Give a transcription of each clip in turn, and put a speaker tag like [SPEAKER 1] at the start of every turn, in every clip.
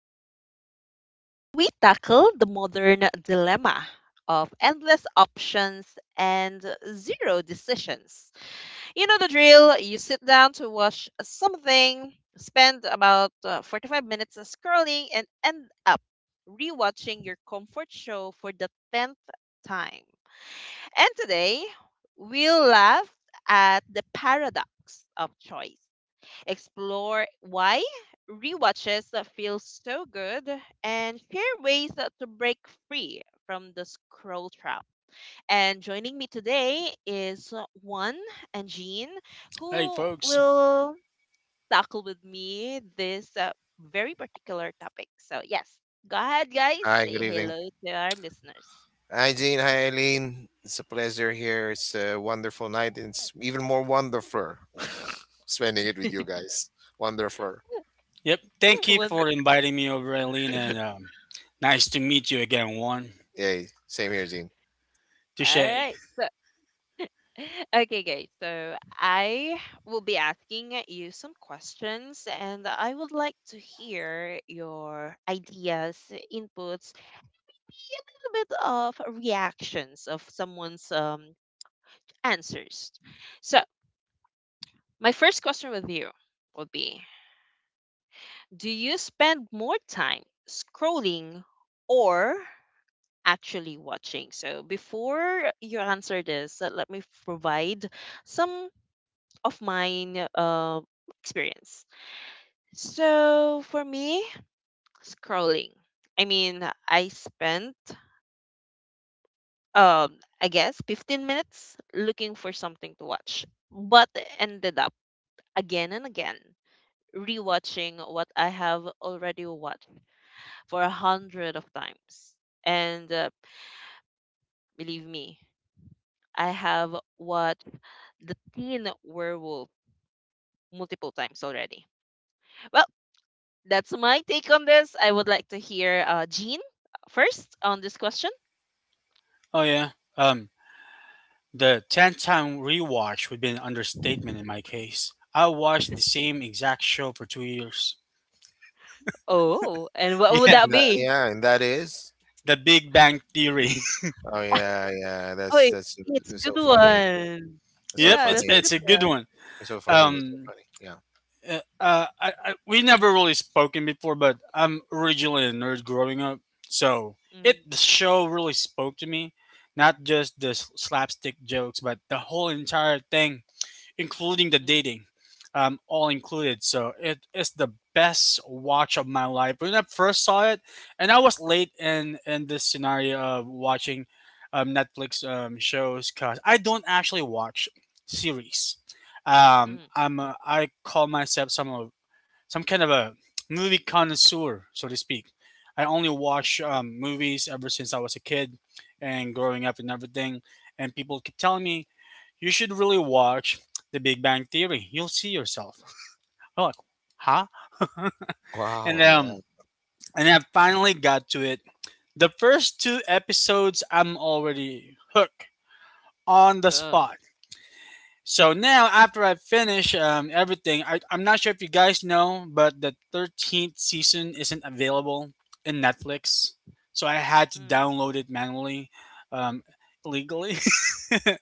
[SPEAKER 1] the show where we tackle the modern dilemma of endless options and zero decisions. You know the drill, you sit down to watch something, spend about 45 minutes scrolling, and end up rewatching your comfort show for the 10th time. And today, we'll laugh at the paradox of choice, explore why rewatches that feel so good, and share ways that to break free from the scroll trap. And joining me today is Juan and Jean,
[SPEAKER 2] Hey,
[SPEAKER 1] who
[SPEAKER 2] folks.
[SPEAKER 1] will tackle with me this very particular topic. So, yes, go ahead, guys.
[SPEAKER 3] Hi,
[SPEAKER 1] Say
[SPEAKER 3] good evening.
[SPEAKER 1] hello to our listeners.
[SPEAKER 3] Hi, Jean. Hi, Eileen. It's a pleasure here. It's a wonderful night. It's even more wonderful spending it with you guys. Wonderful.
[SPEAKER 2] Yep. Thank you
[SPEAKER 1] One-
[SPEAKER 2] for inviting me over, Eileen, and nice to meet you again, Juan.
[SPEAKER 3] Yay. Same here, Jean.
[SPEAKER 1] All
[SPEAKER 2] Touche.
[SPEAKER 1] right. Okay, guys. So I will be asking you some questions, and I would like to hear your ideas, inputs, maybe a little bit of reactions of someone's answers. So, my first question with you would be, do you spend more time scrolling or actually watching? So, before you answer this, let me provide some of mine experience. So for me, scrolling. I mean, I spent um I guess 15 minutes looking for something to watch, but ended up again and again rewatching what I have already watched for 100 of times. And believe me, I have watched the Teen Werewolf multiple times already. Well, that's my take on this. I would like to hear Jean first on this question.
[SPEAKER 2] Oh yeah. Um, the tenth time rewatch would be an understatement in my case. I watched the same exact show for 2 years.
[SPEAKER 1] Oh, and what would
[SPEAKER 2] Yeah,
[SPEAKER 1] that
[SPEAKER 3] And that,
[SPEAKER 1] be?
[SPEAKER 3] yeah, and that is.
[SPEAKER 2] The Big Bang Theory.
[SPEAKER 3] Oh yeah, yeah.
[SPEAKER 1] Oh, it's a
[SPEAKER 3] That's
[SPEAKER 1] good
[SPEAKER 3] so funny.
[SPEAKER 1] one.
[SPEAKER 3] That's so
[SPEAKER 2] yep,
[SPEAKER 1] Yeah,
[SPEAKER 2] it's
[SPEAKER 1] that's
[SPEAKER 3] funny.
[SPEAKER 1] a
[SPEAKER 2] it's
[SPEAKER 1] good
[SPEAKER 3] That's
[SPEAKER 2] a
[SPEAKER 3] so
[SPEAKER 2] good
[SPEAKER 3] funny.
[SPEAKER 1] one.
[SPEAKER 2] one.
[SPEAKER 3] It's so funny. That's so
[SPEAKER 2] Um,
[SPEAKER 3] funny. Yeah.
[SPEAKER 2] We never really spoken before, but I'm originally a nerd growing up, so
[SPEAKER 1] Mm,
[SPEAKER 2] it the show really spoke to me. Not just the slapstick jokes, but the whole entire thing including the
[SPEAKER 1] mm,
[SPEAKER 2] dating, all included. So it is the best watch of my life. When I first saw it, and I was late in this scenario of watching Netflix shows because I don't actually watch series. Um,
[SPEAKER 1] mm.
[SPEAKER 2] I'm a, I call myself some of some kind of a movie connoisseur, so to speak. I only
[SPEAKER 1] Oh,
[SPEAKER 2] watch movies ever since I was a kid and growing up and everything. And people keep telling me you should really watch The Big Bang Theory. You'll see yourself. I'm like, huh? And
[SPEAKER 3] Wow.
[SPEAKER 2] um,
[SPEAKER 3] Yeah.
[SPEAKER 2] and I finally got to it. The first two episodes, I'm already hooked on the
[SPEAKER 1] oh,
[SPEAKER 2] spot. So now, after I finish everything, I'm not sure if you guys know, but the 13th season isn't available in Netflix. So I had to
[SPEAKER 1] mm.
[SPEAKER 2] download it manually, um, legally.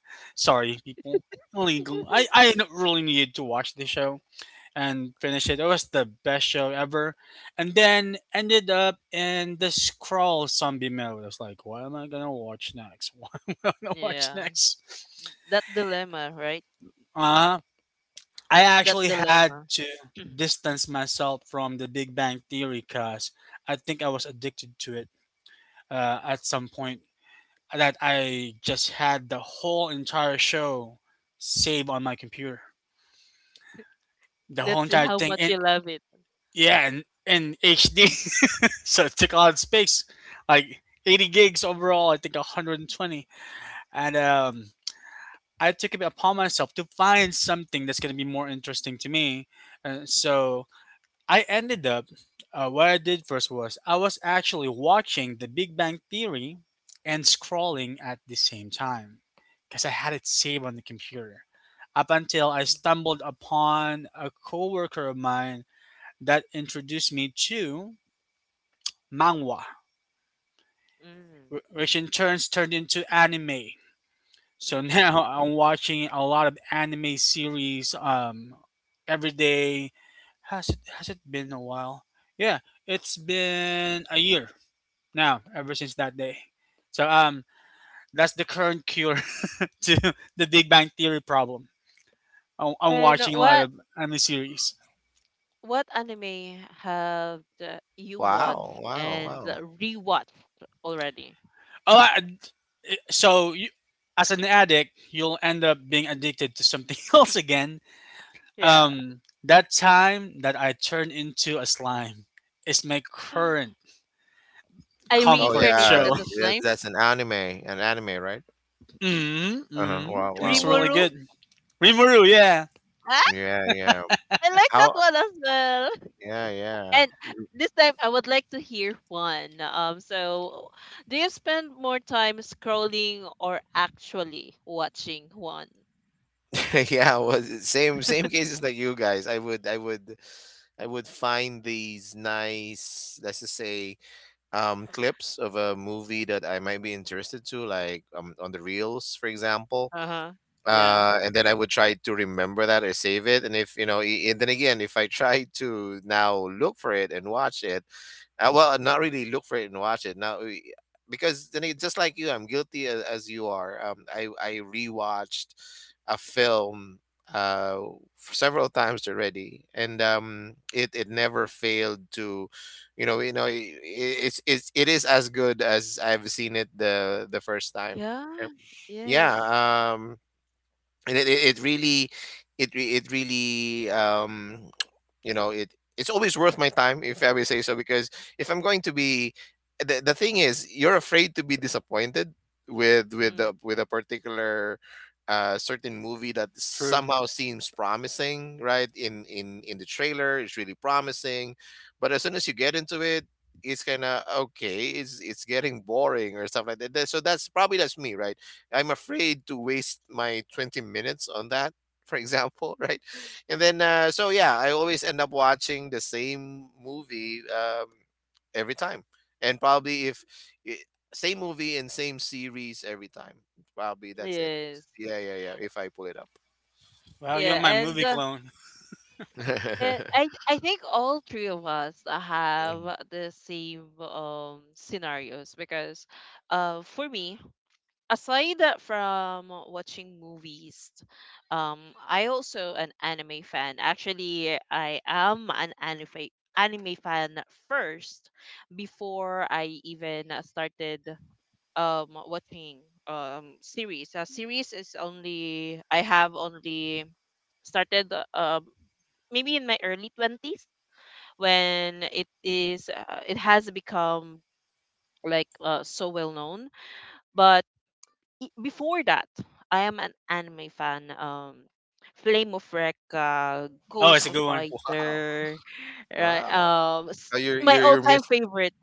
[SPEAKER 2] Sorry, people. Illegal. I, I don't really needed to watch the show. And finished it. It was the best show ever. And then ended up in the scroll zombie mode. I was like, what am I gonna watch next? What am I gonna watch
[SPEAKER 1] Yeah,
[SPEAKER 2] next?
[SPEAKER 1] that dilemma, right?
[SPEAKER 2] Uh I
[SPEAKER 1] That
[SPEAKER 2] actually had
[SPEAKER 1] dilemma.
[SPEAKER 2] to distance myself from the Big Bang Theory because I think I was addicted to it at some point. That I just had the whole entire show saved on my computer. The whole
[SPEAKER 1] That's
[SPEAKER 2] entire
[SPEAKER 1] how
[SPEAKER 2] thing,
[SPEAKER 1] much
[SPEAKER 2] in,
[SPEAKER 1] you love it.
[SPEAKER 2] yeah, in, in HD. So it took a lot of space, like 80 gigs overall. I think 120, and I took it upon myself to find something that's gonna be more interesting to me. And so I ended up. What I did first was I was actually watching The Big Bang Theory and scrolling at the same time because I had it saved on the computer. Up until I
[SPEAKER 1] Mm,
[SPEAKER 2] stumbled upon a coworker of mine that introduced me to manhwa
[SPEAKER 1] mm,
[SPEAKER 2] which in turns turned into anime. So
[SPEAKER 1] mm-mm.
[SPEAKER 2] now I'm watching a lot of anime series every day. Has it been a while? Yeah, it's been a year now ever since that day. So that's the current cure to the Big Bang Theory problem. I'm
[SPEAKER 1] And
[SPEAKER 2] watching a lot
[SPEAKER 1] what
[SPEAKER 2] of anime series.
[SPEAKER 1] what anime have you watched
[SPEAKER 3] Wow. Wow.
[SPEAKER 1] and
[SPEAKER 3] Wow.
[SPEAKER 1] rewatched already?
[SPEAKER 2] A lot, so you, as an addict, you'll end up being addicted to something else again.
[SPEAKER 1] Yeah.
[SPEAKER 2] That time that I turned into a slime is my current
[SPEAKER 1] I
[SPEAKER 3] Oh
[SPEAKER 2] comfort
[SPEAKER 1] reincarnated
[SPEAKER 3] yeah.
[SPEAKER 2] show.
[SPEAKER 1] as a
[SPEAKER 3] That,
[SPEAKER 1] slime.
[SPEAKER 3] that's an anime. An anime, right?
[SPEAKER 2] hmm
[SPEAKER 3] Uh huh.
[SPEAKER 2] hmm
[SPEAKER 3] Wow. Wow.
[SPEAKER 2] It's
[SPEAKER 3] Wow.
[SPEAKER 2] really
[SPEAKER 1] Rimuru.
[SPEAKER 2] good. Rimuru, yeah.
[SPEAKER 1] Ah,
[SPEAKER 3] Yeah. Yeah.
[SPEAKER 1] I like that
[SPEAKER 3] How?
[SPEAKER 1] one as well.
[SPEAKER 3] Yeah. Yeah.
[SPEAKER 1] And this time I would like to hear one. So do you spend more time scrolling or actually watching one?
[SPEAKER 3] Yeah, well, same cases like you guys. I would find these nice, let's just say, clips of a movie that I might be interested to, on the reels, for example.
[SPEAKER 1] Uh-huh. Yeah.
[SPEAKER 3] And then I would try to remember that or save it. And if you know, and then again, if I try to now look for it and watch it, well, not really look for it and watch it now, because then it, just like you, I'm guilty as you are. I rewatched a film uh several times already, and it never failed to, you know, you know, i i- it's it is as good as I've seen it the first time. Okay.
[SPEAKER 1] Yeah.
[SPEAKER 3] Yeah.
[SPEAKER 1] Yes.
[SPEAKER 3] um, and it really it really you know it it's always worth my time if I would say so because if I'm going to be the thing is you're afraid to be disappointed with
[SPEAKER 1] Mm,
[SPEAKER 3] the with a particular certain movie that
[SPEAKER 2] True.
[SPEAKER 3] somehow seems promising right in the trailer. It's really promising, but as soon as you get into it, it's kind of okay. It's getting boring or stuff like that. So that's probably that's me right? I'm afraid to waste my 20 minutes on that, for example, right? And then, so yeah, I always end up watching the same movie every time. And probably if I- same movie and same series every time, probably that's it.
[SPEAKER 1] yes.
[SPEAKER 3] Yeah, yeah, yeah. If I pull it up.
[SPEAKER 2] Wow, you're
[SPEAKER 1] Yeah,
[SPEAKER 2] my
[SPEAKER 1] and
[SPEAKER 2] movie
[SPEAKER 1] uh,
[SPEAKER 2] clone.
[SPEAKER 1] and I I think all three of us
[SPEAKER 3] Mm.
[SPEAKER 1] have the same scenarios because for me, aside from watching movies, um, I also an anime fan. Actually, I am an anime fan first before I even started watching series. Series is only I have only started maybe in my early 20s when it has become like so well known, but before that, I am an anime fan. Flame of Recca,
[SPEAKER 2] Oh, it's a
[SPEAKER 1] Ghost
[SPEAKER 2] good one.
[SPEAKER 3] Wow.
[SPEAKER 1] Fighter, right?
[SPEAKER 3] Wow. You're
[SPEAKER 1] My
[SPEAKER 3] you're you're
[SPEAKER 1] all-time
[SPEAKER 3] missing
[SPEAKER 1] favorite.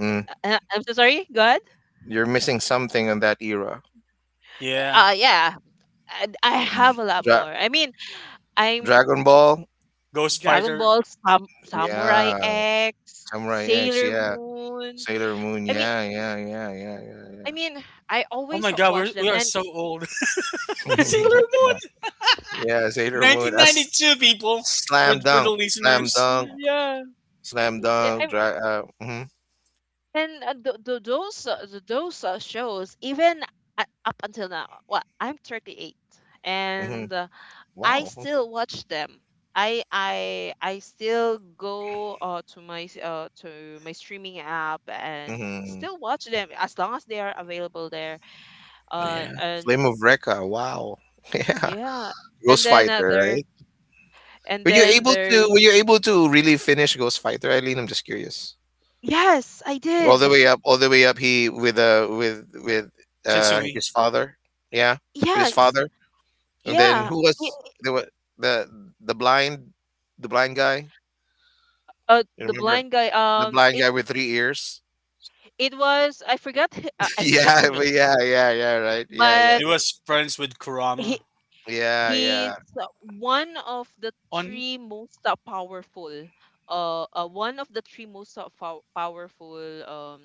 [SPEAKER 3] mm,
[SPEAKER 1] I'm so sorry. Go ahead.
[SPEAKER 3] you're missing something in that era.
[SPEAKER 2] Yeah.
[SPEAKER 1] Yeah, I have a lot more.
[SPEAKER 3] Dra-
[SPEAKER 1] I mean, I'm
[SPEAKER 3] Dragon Ball,
[SPEAKER 2] Ghost
[SPEAKER 1] Dragon
[SPEAKER 2] Fighter.
[SPEAKER 1] Ball, Samurai
[SPEAKER 3] yeah,
[SPEAKER 1] X,
[SPEAKER 3] Samurai X,
[SPEAKER 1] Sailor
[SPEAKER 3] yeah.
[SPEAKER 1] Moon.
[SPEAKER 3] Sailor Moon.
[SPEAKER 1] I mean,
[SPEAKER 3] Yeah, yeah, yeah, yeah, yeah,
[SPEAKER 1] I mean, I
[SPEAKER 2] Oh
[SPEAKER 1] always
[SPEAKER 2] my god,
[SPEAKER 1] watch
[SPEAKER 2] we
[SPEAKER 1] them,
[SPEAKER 2] are
[SPEAKER 1] and
[SPEAKER 2] so old.
[SPEAKER 3] yeah.
[SPEAKER 2] Sailor
[SPEAKER 3] yeah,
[SPEAKER 2] Moon!
[SPEAKER 3] yeah, Sailor Moon. As
[SPEAKER 2] 1992, people!
[SPEAKER 3] slam
[SPEAKER 2] For the
[SPEAKER 3] dunk, slam
[SPEAKER 2] listeners.
[SPEAKER 3] dunk,
[SPEAKER 1] yeah,
[SPEAKER 3] slam
[SPEAKER 1] yeah.
[SPEAKER 3] dunk. Dry, hmm
[SPEAKER 1] And those shows, even up until now, well, I'm 38,
[SPEAKER 3] hmm
[SPEAKER 1] and I
[SPEAKER 3] Wow.
[SPEAKER 1] still watch them. I still go to my streaming app and
[SPEAKER 3] hmm
[SPEAKER 1] still watch them as long as they are available there.
[SPEAKER 3] Yeah.
[SPEAKER 1] And
[SPEAKER 3] Flame of Recca. Wow. Yeah.
[SPEAKER 1] yeah, and
[SPEAKER 3] Ghost
[SPEAKER 1] then
[SPEAKER 3] Fighter,
[SPEAKER 1] there's,
[SPEAKER 3] right?
[SPEAKER 1] and
[SPEAKER 3] Were you
[SPEAKER 1] then
[SPEAKER 3] able
[SPEAKER 1] there's
[SPEAKER 3] to? Were you able to really finish Ghost Fighter, Eileen? I'm just curious.
[SPEAKER 1] yes, I
[SPEAKER 3] All the
[SPEAKER 1] did.
[SPEAKER 3] way up, all the way up. He with with
[SPEAKER 2] Sensui.
[SPEAKER 3] his father. Yeah, with his
[SPEAKER 1] Yes,
[SPEAKER 3] father. And then
[SPEAKER 1] yeah.
[SPEAKER 3] who
[SPEAKER 1] Y-
[SPEAKER 3] was there? The the blind the blind guy? You
[SPEAKER 1] The
[SPEAKER 3] remember
[SPEAKER 1] blind guy.
[SPEAKER 3] the blind guy with three ears?
[SPEAKER 1] It was, I forgot the name,
[SPEAKER 3] Yeah, yeah, yeah, right.
[SPEAKER 1] but
[SPEAKER 2] It was friends with
[SPEAKER 1] he
[SPEAKER 2] Kurama.
[SPEAKER 3] Yeah,
[SPEAKER 1] he's
[SPEAKER 3] yeah.
[SPEAKER 1] uh, one of the
[SPEAKER 2] On,
[SPEAKER 1] three most powerful, one of the three most pow- powerful um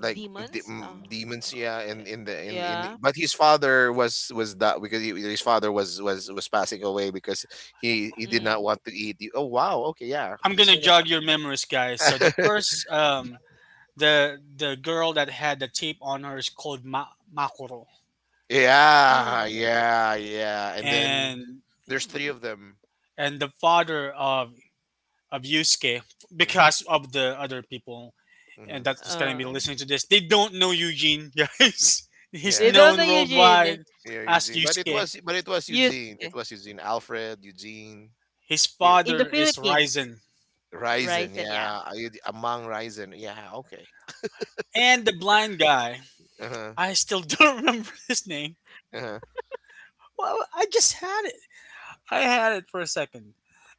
[SPEAKER 3] Like
[SPEAKER 1] demons.
[SPEAKER 3] demons,
[SPEAKER 1] Uh,
[SPEAKER 3] yeah.
[SPEAKER 1] yeah.
[SPEAKER 3] But his father was that because he, his father was passing away because he did not
[SPEAKER 1] Mm.
[SPEAKER 3] want to eat. Oh wow, okay, yeah.
[SPEAKER 2] I'm
[SPEAKER 3] As
[SPEAKER 2] gonna
[SPEAKER 3] soon as
[SPEAKER 2] jog your
[SPEAKER 1] Mm.
[SPEAKER 2] memories, guys. So the first the girl that had the tape on her is called Makoro,
[SPEAKER 3] yeah,
[SPEAKER 1] Mm.
[SPEAKER 3] yeah, yeah. And then
[SPEAKER 2] and
[SPEAKER 3] there's three of them.
[SPEAKER 2] and the father of Yusuke
[SPEAKER 3] hmm
[SPEAKER 2] because of the other people, and
[SPEAKER 3] hmm
[SPEAKER 2] that's gonna
[SPEAKER 1] Uh,
[SPEAKER 2] be listening to this. They don't know Eugene, guys. He's
[SPEAKER 3] Yeah,
[SPEAKER 1] they don't
[SPEAKER 3] yeah,
[SPEAKER 1] know
[SPEAKER 2] known
[SPEAKER 1] Eugene.
[SPEAKER 2] worldwide
[SPEAKER 3] Yeah,
[SPEAKER 2] as
[SPEAKER 3] Eugene. But it
[SPEAKER 2] Yusuke.
[SPEAKER 3] was but it was
[SPEAKER 1] Used
[SPEAKER 3] Eugene. It was Eugene. Alfred, Eugene,
[SPEAKER 2] His
[SPEAKER 3] you
[SPEAKER 1] in the
[SPEAKER 2] father is
[SPEAKER 1] Philippines,
[SPEAKER 2] Ryzen,
[SPEAKER 1] rice.
[SPEAKER 3] Ryzen.
[SPEAKER 1] And yeah.
[SPEAKER 3] Yeah, Eug- among Ryzen. Yeah, okay.
[SPEAKER 2] and the blind guy.
[SPEAKER 3] Uh-huh.
[SPEAKER 2] I still don't remember his name.
[SPEAKER 3] Uh-huh.
[SPEAKER 2] Well, I just had it. I had it for a second.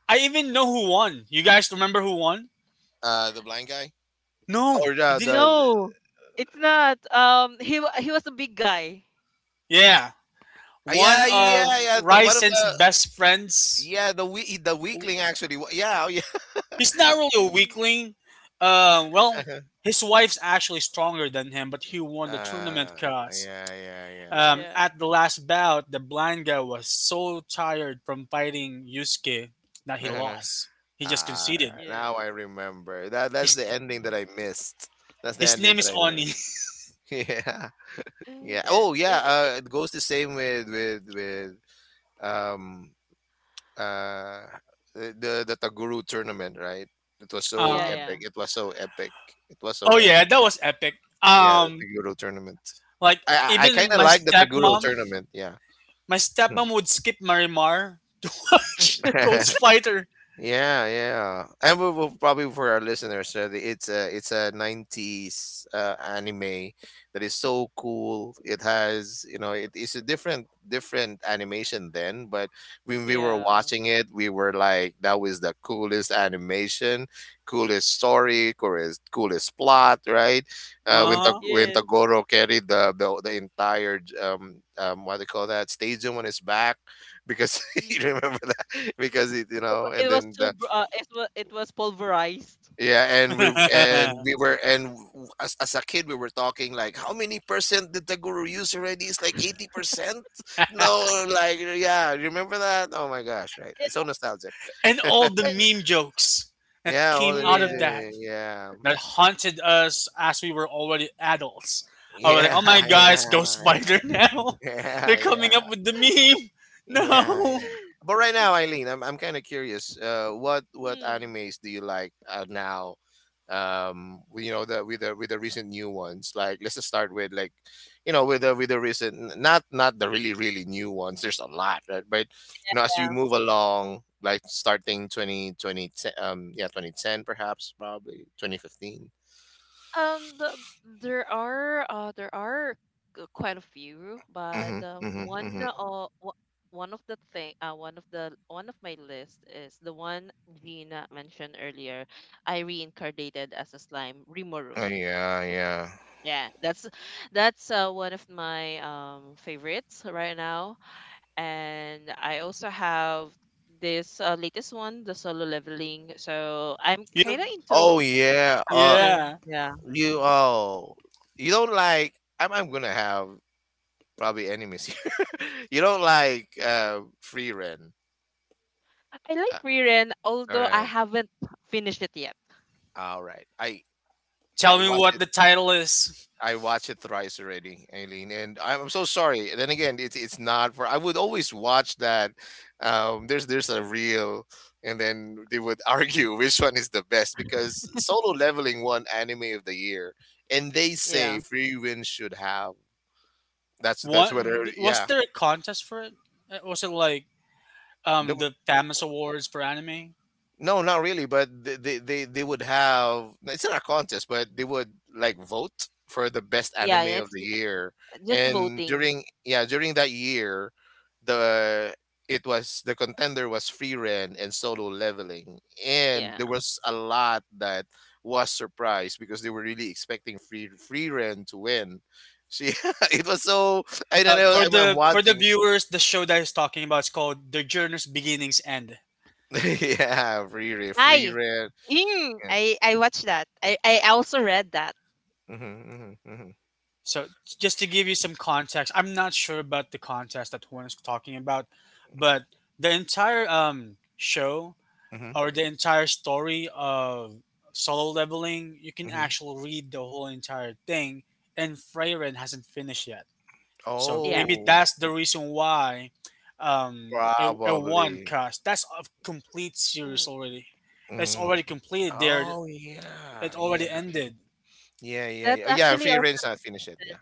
[SPEAKER 2] I even know who won. You guys remember who won?
[SPEAKER 3] The blind guy
[SPEAKER 2] No,
[SPEAKER 3] or
[SPEAKER 2] you didn't.
[SPEAKER 1] No, it's not. He was a big guy.
[SPEAKER 2] Yeah, one
[SPEAKER 3] yeah
[SPEAKER 2] of
[SPEAKER 1] Yeah.
[SPEAKER 3] yeah yeah one of the
[SPEAKER 2] Ryzen's best friends.
[SPEAKER 3] yeah the weakling actually. Yeah oh, yeah.
[SPEAKER 2] He's not
[SPEAKER 1] uh,
[SPEAKER 2] really a weakling. Well, his wife's actually stronger than him, but he won the tournament
[SPEAKER 3] uh
[SPEAKER 2] cause.
[SPEAKER 3] yeah yeah yeah yeah.
[SPEAKER 1] yeah.
[SPEAKER 2] At the last bout, the blind guy was so tired from fighting Yusuke that he
[SPEAKER 3] Uh-huh.
[SPEAKER 2] lost. He just
[SPEAKER 3] All right,
[SPEAKER 2] conceded.
[SPEAKER 3] now
[SPEAKER 1] Yeah.
[SPEAKER 3] I remember that. That's the
[SPEAKER 2] His
[SPEAKER 3] ending that I missed. That's the
[SPEAKER 2] his
[SPEAKER 3] ending
[SPEAKER 2] name
[SPEAKER 3] that
[SPEAKER 2] is
[SPEAKER 3] I
[SPEAKER 1] Yeah.
[SPEAKER 2] Oni.
[SPEAKER 3] missed. Yeah.
[SPEAKER 1] Yeah.
[SPEAKER 3] Yeah. Oh, yeah. It goes the same with um uh the Taguru tournament, right? It was so
[SPEAKER 1] Yeah.
[SPEAKER 2] Uh,
[SPEAKER 1] Yeah.
[SPEAKER 3] epic. It was so epic. It was so
[SPEAKER 2] oh
[SPEAKER 3] epic.
[SPEAKER 1] Mm.
[SPEAKER 2] yeah, that was epic.
[SPEAKER 3] Yeah, the Taguru tournament.
[SPEAKER 2] Like
[SPEAKER 3] I I
[SPEAKER 1] It,
[SPEAKER 3] kind
[SPEAKER 2] even
[SPEAKER 3] of
[SPEAKER 2] my
[SPEAKER 3] like the Taguru
[SPEAKER 2] stepmom,
[SPEAKER 3] tournament. Yeah.
[SPEAKER 2] my
[SPEAKER 3] Hmm.
[SPEAKER 2] stepmom would skip Marimar to watch Ghost Fighter.
[SPEAKER 3] Yeah, yeah, and we will probably for our listeners, it's a '90s anime that is so cool. It has, you know, it is a different animation then, but when we were
[SPEAKER 1] yeah.
[SPEAKER 3] watching it, we were like, that was the coolest animation, coolest story, coolest plot, right? When Tag
[SPEAKER 2] Uh-huh.
[SPEAKER 3] when
[SPEAKER 1] Yes.
[SPEAKER 3] Tagoro carried the entire what do you call that, stadium on his back because you
[SPEAKER 1] Mm.
[SPEAKER 3] remember because it, you know, and then
[SPEAKER 1] It was. It was pulverized.
[SPEAKER 3] yeah, and we were and w- as a kid, we were talking like how many percent did the guru use already. It's like 80%. No like, yeah, remember that? Oh my gosh, right? It's
[SPEAKER 1] It,
[SPEAKER 3] so nostalgic.
[SPEAKER 2] And all the
[SPEAKER 1] it-
[SPEAKER 2] meme jokes that
[SPEAKER 3] Yeah, all
[SPEAKER 2] came
[SPEAKER 3] the
[SPEAKER 2] out of
[SPEAKER 1] yeah.
[SPEAKER 2] that
[SPEAKER 3] music, yeah,
[SPEAKER 2] that haunted us as we were already adults. I was like,
[SPEAKER 3] yeah.
[SPEAKER 2] oh my god, it's Ghost
[SPEAKER 3] Yeah yeah
[SPEAKER 2] Fighter now. They're
[SPEAKER 3] yeah,
[SPEAKER 2] coming
[SPEAKER 3] yeah.
[SPEAKER 2] up with the meme.
[SPEAKER 3] Yeah,
[SPEAKER 2] No.
[SPEAKER 3] yeah. But right now, Eileen, I'm kind of curious. What
[SPEAKER 1] Hmm.
[SPEAKER 3] animes do you like now? You know, the with the recent new ones. Like, let's just start with like, you know, with the recent not not the really really new ones. There's a lot, right? But you know, as you
[SPEAKER 1] Yeah.
[SPEAKER 3] move along, like starting 2020, yeah, 2010 perhaps, probably 2015.
[SPEAKER 1] The, there are quite a few, but
[SPEAKER 3] Mm-hmm, mm-hmm,
[SPEAKER 1] one
[SPEAKER 3] mm-hmm.
[SPEAKER 1] one of the thing one of the one of my list is the one Gina mentioned earlier. I reincarnated as a slime, Rimuru.
[SPEAKER 3] Oh, yeah, yeah.
[SPEAKER 1] Yeah, that's one of my favorites right now. And I also have this latest one, the solo leveling. So I'm kind of
[SPEAKER 2] Yep.
[SPEAKER 1] into
[SPEAKER 3] Oh yeah.
[SPEAKER 1] Ren,
[SPEAKER 2] Yeah.
[SPEAKER 1] yeah.
[SPEAKER 3] You oh, you don't like. I'm gonna have probably enemies here. You don't like Free Ren.
[SPEAKER 1] I
[SPEAKER 3] Uh,
[SPEAKER 1] like Riren,
[SPEAKER 3] all
[SPEAKER 1] although I
[SPEAKER 3] right,
[SPEAKER 1] haven't finished it yet.
[SPEAKER 3] all right.
[SPEAKER 2] Tell
[SPEAKER 3] I
[SPEAKER 2] me
[SPEAKER 3] watched
[SPEAKER 2] what
[SPEAKER 3] it.
[SPEAKER 2] the title is.
[SPEAKER 3] I watched it thrice already, Aileen, and I'm so sorry. Then again, it's not for. I would always watch that. There's a reel, and then they would argue which one is the best because Solo Leveling won Anime of the Year, and they say
[SPEAKER 1] Yeah.
[SPEAKER 3] Free Ren should have. That's
[SPEAKER 2] What,
[SPEAKER 3] whether,
[SPEAKER 2] was
[SPEAKER 3] yeah.
[SPEAKER 2] there a contest for it? Was it like the famous awards for anime?
[SPEAKER 3] No, not really, but they would have. It's not a contest, but they would like vote for the best
[SPEAKER 1] Yeah,
[SPEAKER 3] anime of
[SPEAKER 1] it's
[SPEAKER 3] the year.
[SPEAKER 1] just
[SPEAKER 3] And
[SPEAKER 1] voting.
[SPEAKER 3] during that year, the it was, the contender was Free Ren and Solo Leveling. And there
[SPEAKER 1] Yeah.
[SPEAKER 3] was a lot that was surprised because they were really expecting Free Ren to win. She it was so, I don't know, I'm
[SPEAKER 2] For the
[SPEAKER 3] watching.
[SPEAKER 2] viewers, the show that he's talking about is called The Journey's Beginnings End.
[SPEAKER 3] Free
[SPEAKER 1] Ay,
[SPEAKER 3] Ren. Yeah.
[SPEAKER 1] I watched that. I also read that.
[SPEAKER 3] hmm hmm
[SPEAKER 2] So just to give you some context, I'm not sure about the contest that Juan is talking about, but the entire show
[SPEAKER 3] hmm
[SPEAKER 2] or the entire story of solo leveling, you can
[SPEAKER 3] Mhm.
[SPEAKER 2] actually read the whole entire thing, and Freyren hasn't finished yet. So
[SPEAKER 1] Yeah.
[SPEAKER 2] maybe
[SPEAKER 3] Oh,
[SPEAKER 2] that's the reason why it won
[SPEAKER 3] probably.
[SPEAKER 2] cause that's a complete series
[SPEAKER 1] Mm.
[SPEAKER 2] already, it's
[SPEAKER 3] Mhm.
[SPEAKER 2] already completed there.
[SPEAKER 3] Oh
[SPEAKER 2] It already ended.
[SPEAKER 3] yeah.
[SPEAKER 1] That's
[SPEAKER 3] Oh yeah, and
[SPEAKER 1] actually
[SPEAKER 3] Free Ren's not finished yet. Yeah.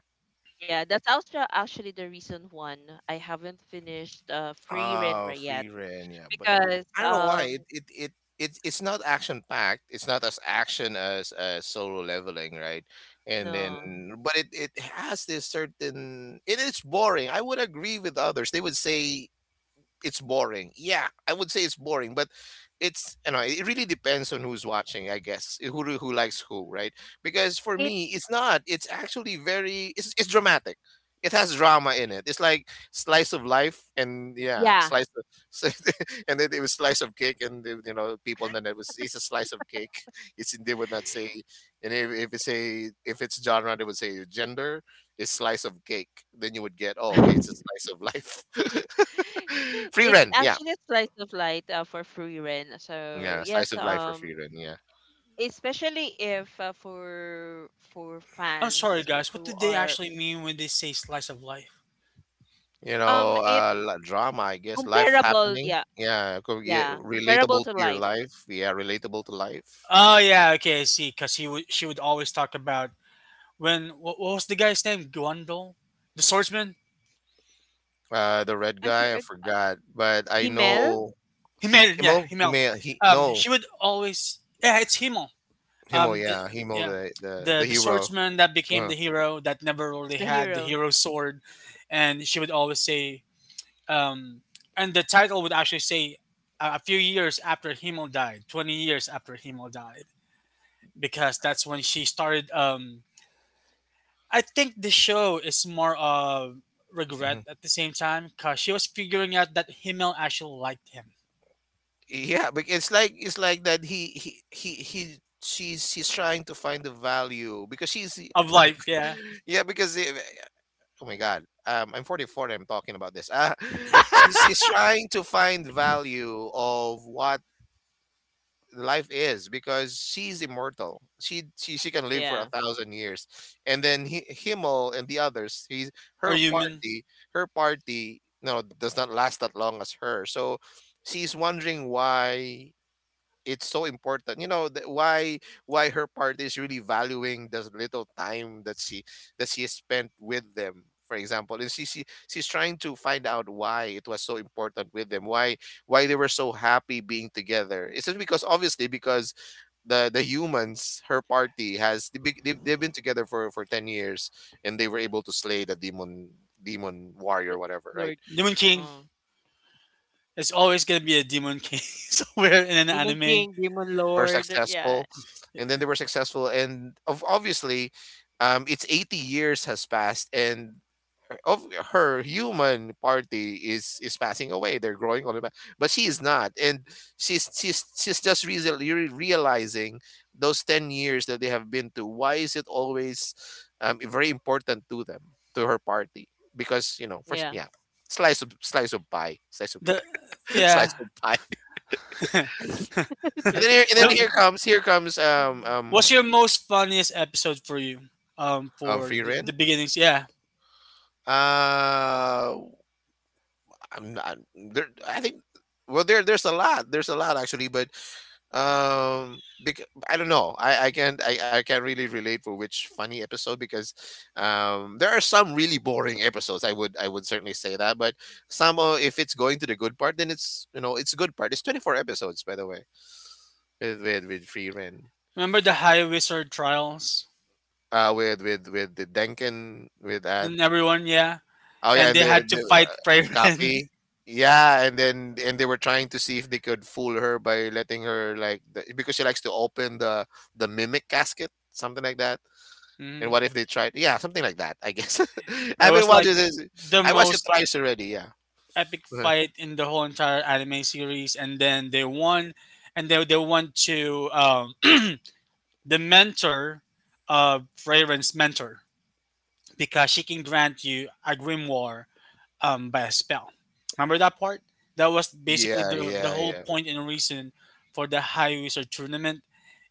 [SPEAKER 1] Yeah, that's also actually the reason one I haven't finished Free
[SPEAKER 3] Oh,
[SPEAKER 1] Renra yet
[SPEAKER 3] Free Ren. Yeah, but
[SPEAKER 1] because
[SPEAKER 3] I don't know why it. It, it's not action packed. It's not as action as solo leveling, right? And then,
[SPEAKER 1] no,
[SPEAKER 3] but it has this certain. It is boring. I would agree with others. They would say it's boring. Yeah, I would say it's boring, but it's, you know, it really depends on who's watching, I guess. Who likes who, right? Because for me,
[SPEAKER 1] it's,
[SPEAKER 3] it's not. It's actually very. It's dramatic. It has drama in it. It's like slice of life, and yeah,
[SPEAKER 1] yeah.
[SPEAKER 3] slice of, and then it was slice of cake, and you know, people. And then it's a slice of cake. It's they would not say, and if it's a if it's genre, they would say gender is slice of cake. Then you would get, oh, okay, it's a slice of life. free
[SPEAKER 1] It's
[SPEAKER 3] rent, yeah,
[SPEAKER 1] actually a slice of life for Free Ren, so
[SPEAKER 3] yeah, slice
[SPEAKER 1] yes.
[SPEAKER 3] of life for free rent, yeah.
[SPEAKER 1] Especially if for
[SPEAKER 2] I'm sorry,
[SPEAKER 1] fans
[SPEAKER 2] guys. What
[SPEAKER 1] who
[SPEAKER 2] did they
[SPEAKER 1] are,
[SPEAKER 2] actually mean when they say slice of life?
[SPEAKER 3] You know,
[SPEAKER 1] it's
[SPEAKER 3] drama, I guess, life
[SPEAKER 1] comparable,
[SPEAKER 3] happening,
[SPEAKER 1] yeah,
[SPEAKER 3] yeah, yeah,
[SPEAKER 1] yeah, comparable
[SPEAKER 3] relatable
[SPEAKER 1] to
[SPEAKER 3] to your
[SPEAKER 1] life.
[SPEAKER 3] life, yeah, relatable to life.
[SPEAKER 2] Oh yeah, okay, I see. Because he would, she would always talk about when what was the guy's name? Guandol, the swordsman.
[SPEAKER 3] The red
[SPEAKER 1] I for
[SPEAKER 3] guy, I forgot, but I
[SPEAKER 1] Himel.
[SPEAKER 3] know
[SPEAKER 2] Himmel, yeah,
[SPEAKER 3] Himo. He
[SPEAKER 2] Himmel.
[SPEAKER 3] may he no
[SPEAKER 2] She would always, yeah, it's Himmel.
[SPEAKER 3] Himo,
[SPEAKER 2] Um, th-
[SPEAKER 3] yeah, Himo,
[SPEAKER 2] yeah,
[SPEAKER 3] the
[SPEAKER 2] the
[SPEAKER 3] hero.
[SPEAKER 2] swordsman that became
[SPEAKER 3] Uh,
[SPEAKER 2] the hero that never really
[SPEAKER 1] The
[SPEAKER 2] had the
[SPEAKER 1] hero,
[SPEAKER 2] hero sword, and she would always say, um, and the title would actually say. A few years after Himmel died, 20 years after Himmel died. Because that's when she started I think the show is more of regret
[SPEAKER 3] mhm.
[SPEAKER 2] at the same time because she was figuring out that himmel actually liked him
[SPEAKER 3] Yeah, but it's like that. He he. She's he's trying to find the value because she's,
[SPEAKER 2] of
[SPEAKER 3] oh my
[SPEAKER 2] life
[SPEAKER 3] god,
[SPEAKER 2] yeah
[SPEAKER 3] yeah because Oh my God. I'm 44 and I'm talking about this. She's trying to find value of what life is because she's immortal. She can live for
[SPEAKER 1] yeah.
[SPEAKER 3] a thousand years. And then he, Himmel and the others, he's
[SPEAKER 2] or
[SPEAKER 3] her
[SPEAKER 2] human.
[SPEAKER 3] party, no, does not last that long as her. So she's wondering why it's so important, you know, why her part is really valuing the little time that she has spent with them, for example. And she's trying to find out why it was so important with them, why they were so happy being together. It's just because obviously because the humans, her party has, they've been together for 10 years and they were able to slay the demon
[SPEAKER 1] The
[SPEAKER 3] warrior whatever right.
[SPEAKER 1] Lord.
[SPEAKER 2] Demon king,
[SPEAKER 1] Oh.
[SPEAKER 2] it's always gonna be a demon king somewhere in an
[SPEAKER 1] Demon
[SPEAKER 2] anime.
[SPEAKER 1] King, Demon
[SPEAKER 3] They were
[SPEAKER 1] Lord. Yeah.
[SPEAKER 3] successful, and of obviously, it's 80 years has passed, and of her human party is passing away. They're growing on it, but she is not, and she's just recently realizing those 10 years that they have been to. Why is it always very important to them, to her party? Because you know, first,
[SPEAKER 1] Yeah,
[SPEAKER 3] yeah, slice of pie, slice of
[SPEAKER 2] The
[SPEAKER 3] slice
[SPEAKER 2] yeah
[SPEAKER 3] of pie,
[SPEAKER 1] it's like of
[SPEAKER 3] and
[SPEAKER 2] the,
[SPEAKER 3] then
[SPEAKER 1] fun.
[SPEAKER 3] here comes
[SPEAKER 2] what's your most funniest episode for you for
[SPEAKER 3] Free
[SPEAKER 2] the
[SPEAKER 3] rent.
[SPEAKER 2] beginnings yeah?
[SPEAKER 3] Uh, I'm not there. I think well, there's a lot. There's a lot actually, but um, bec- I don't know. I can't really relate for which funny episode because there are some really boring episodes. I would certainly say that, but some if it's going to the good part, then it's you know it's good part. It's 24 episodes by the way with free rent.
[SPEAKER 2] Remember the high wizard trials
[SPEAKER 3] With the Denken with
[SPEAKER 2] and everyone, yeah,
[SPEAKER 3] oh yeah,
[SPEAKER 2] and
[SPEAKER 3] and
[SPEAKER 2] they
[SPEAKER 3] the,
[SPEAKER 2] had to
[SPEAKER 3] the
[SPEAKER 2] fight
[SPEAKER 3] uh,
[SPEAKER 2] Freyren.
[SPEAKER 3] copy. Yeah, and then and they were trying to see if they could fool her by letting her like the, because she likes to open the mimic casket, something like that. And
[SPEAKER 2] Mhm.
[SPEAKER 3] what if they tried? Yeah, something like that. I guess. I
[SPEAKER 2] It
[SPEAKER 3] haven't
[SPEAKER 2] was
[SPEAKER 3] watched
[SPEAKER 2] like
[SPEAKER 3] this.
[SPEAKER 2] the
[SPEAKER 3] I watched it
[SPEAKER 2] most
[SPEAKER 3] twice already. Yeah.
[SPEAKER 2] epic
[SPEAKER 3] Uh-huh.
[SPEAKER 2] fight in the whole entire anime series, and then they won and they went to the mentor of Raven's mentor because she can grant you a grimoire by a spell. Remember that part? That was basically
[SPEAKER 3] Yeah,
[SPEAKER 2] the
[SPEAKER 3] yeah,
[SPEAKER 2] whole
[SPEAKER 3] yeah.
[SPEAKER 2] point and reason for the High Wizard tournament.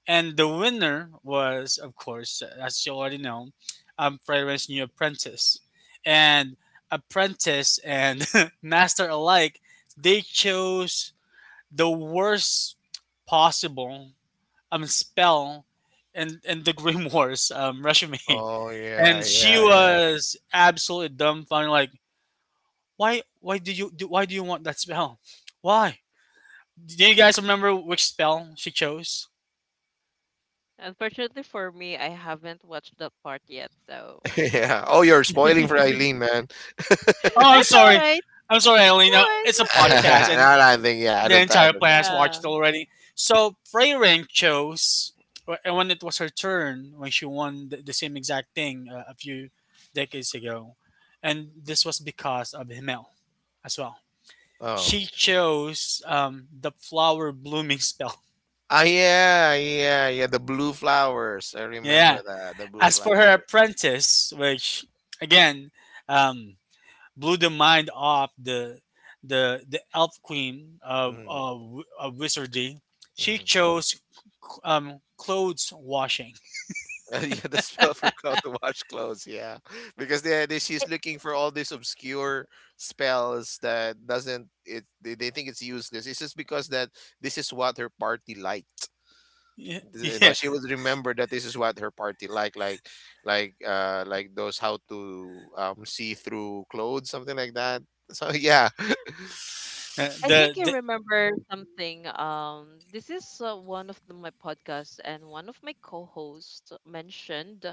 [SPEAKER 2] And the winner was, of course, as you already know, Fragrance's new apprentice. And apprentice and master alike, they chose the worst possible spell, and the Grim Wars resume.
[SPEAKER 3] Oh
[SPEAKER 2] And
[SPEAKER 3] yeah,
[SPEAKER 2] she
[SPEAKER 3] yeah,
[SPEAKER 2] was absolutely dumbfounded, like, why did you do why do you want that spell? Why? Do you guys remember which spell she chose?
[SPEAKER 1] Unfortunately for me, I haven't watched that part yet. So,
[SPEAKER 3] yeah. yeah. Oh, you're spoiling for Eileen, man.
[SPEAKER 2] Oh, I'm
[SPEAKER 1] that's all
[SPEAKER 2] sorry.
[SPEAKER 1] right.
[SPEAKER 2] I'm sorry, Eileen.
[SPEAKER 1] No,
[SPEAKER 2] It's a
[SPEAKER 1] it's okay.
[SPEAKER 2] podcast, and
[SPEAKER 3] No, no, I think yeah. I
[SPEAKER 2] the
[SPEAKER 3] don't. I
[SPEAKER 2] entire
[SPEAKER 3] don't.
[SPEAKER 2] planet has
[SPEAKER 1] Yeah.
[SPEAKER 2] watched it already. So, Freyrin chose, and when it was her turn, when she won the same exact thing a few decades ago, and this was because of Himmel as well.
[SPEAKER 3] Oh.
[SPEAKER 2] She chose the flower blooming spell.
[SPEAKER 3] Ah, yeah, yeah, yeah, the blue flowers. I remember
[SPEAKER 2] Yeah.
[SPEAKER 3] that, the blue
[SPEAKER 2] As for her
[SPEAKER 3] flowers.
[SPEAKER 2] apprentice, which, again, um, blew the mind off the elf queen
[SPEAKER 3] Mm,
[SPEAKER 2] of wizardry. She
[SPEAKER 3] mm.
[SPEAKER 2] chose clothes washing.
[SPEAKER 3] Yeah, the spell for cloth to wash clothes. Yeah, because they she's looking for all these obscure spells that doesn't it. They think it's useless. It's just because that this is what her party liked.
[SPEAKER 2] Yeah,
[SPEAKER 3] You know,
[SPEAKER 2] yeah.
[SPEAKER 3] she would remember that this is what her party liked, like those how to see through clothes, something like that. So yeah,
[SPEAKER 2] Uh,
[SPEAKER 1] I think I
[SPEAKER 2] the
[SPEAKER 1] remember something. This is one of my podcasts, and one of my co-hosts mentioned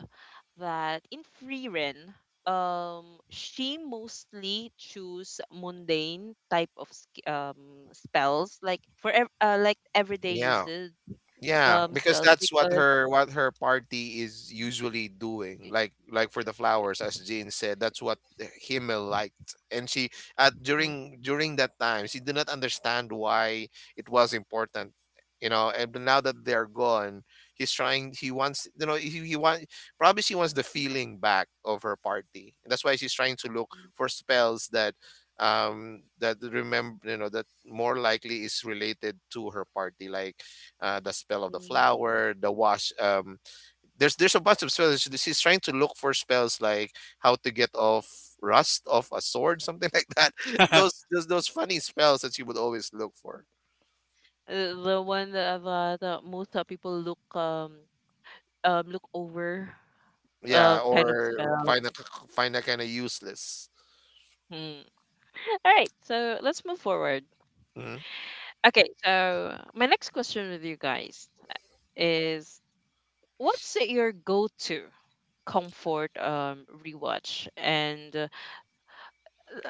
[SPEAKER 1] that in Freerun, she mostly choose mundane type of spells, like for like everyday
[SPEAKER 3] yeah.
[SPEAKER 1] uses
[SPEAKER 3] Yeah, because
[SPEAKER 1] spells
[SPEAKER 3] that's
[SPEAKER 1] because
[SPEAKER 3] what her party is usually doing. Like for the flowers, as Jean said, that's what Himmel liked. And she at during that time, she did not understand why it was important, you know. And but now that they're gone, he's trying. He wants, you know, he want probably she wants the feeling back of her party. And that's why she's trying to look for spells that that remember you know that more likely is related to her party like the spell of the
[SPEAKER 1] mm,
[SPEAKER 3] flower, the wash. There's a bunch of spells. She's trying to look for spells like how to get off rust off a sword, something like that.
[SPEAKER 2] the
[SPEAKER 3] Those funny spells that she would always look for.
[SPEAKER 1] the one that, that most people look over,
[SPEAKER 3] Yeah,
[SPEAKER 1] kind of
[SPEAKER 3] or
[SPEAKER 1] spell.
[SPEAKER 3] find a find a kind of useless.
[SPEAKER 1] Hmm. All right, so let's move forward.
[SPEAKER 3] Mm,
[SPEAKER 1] Okay, so my next question with you guys is, what's your go to comfort rewatch? And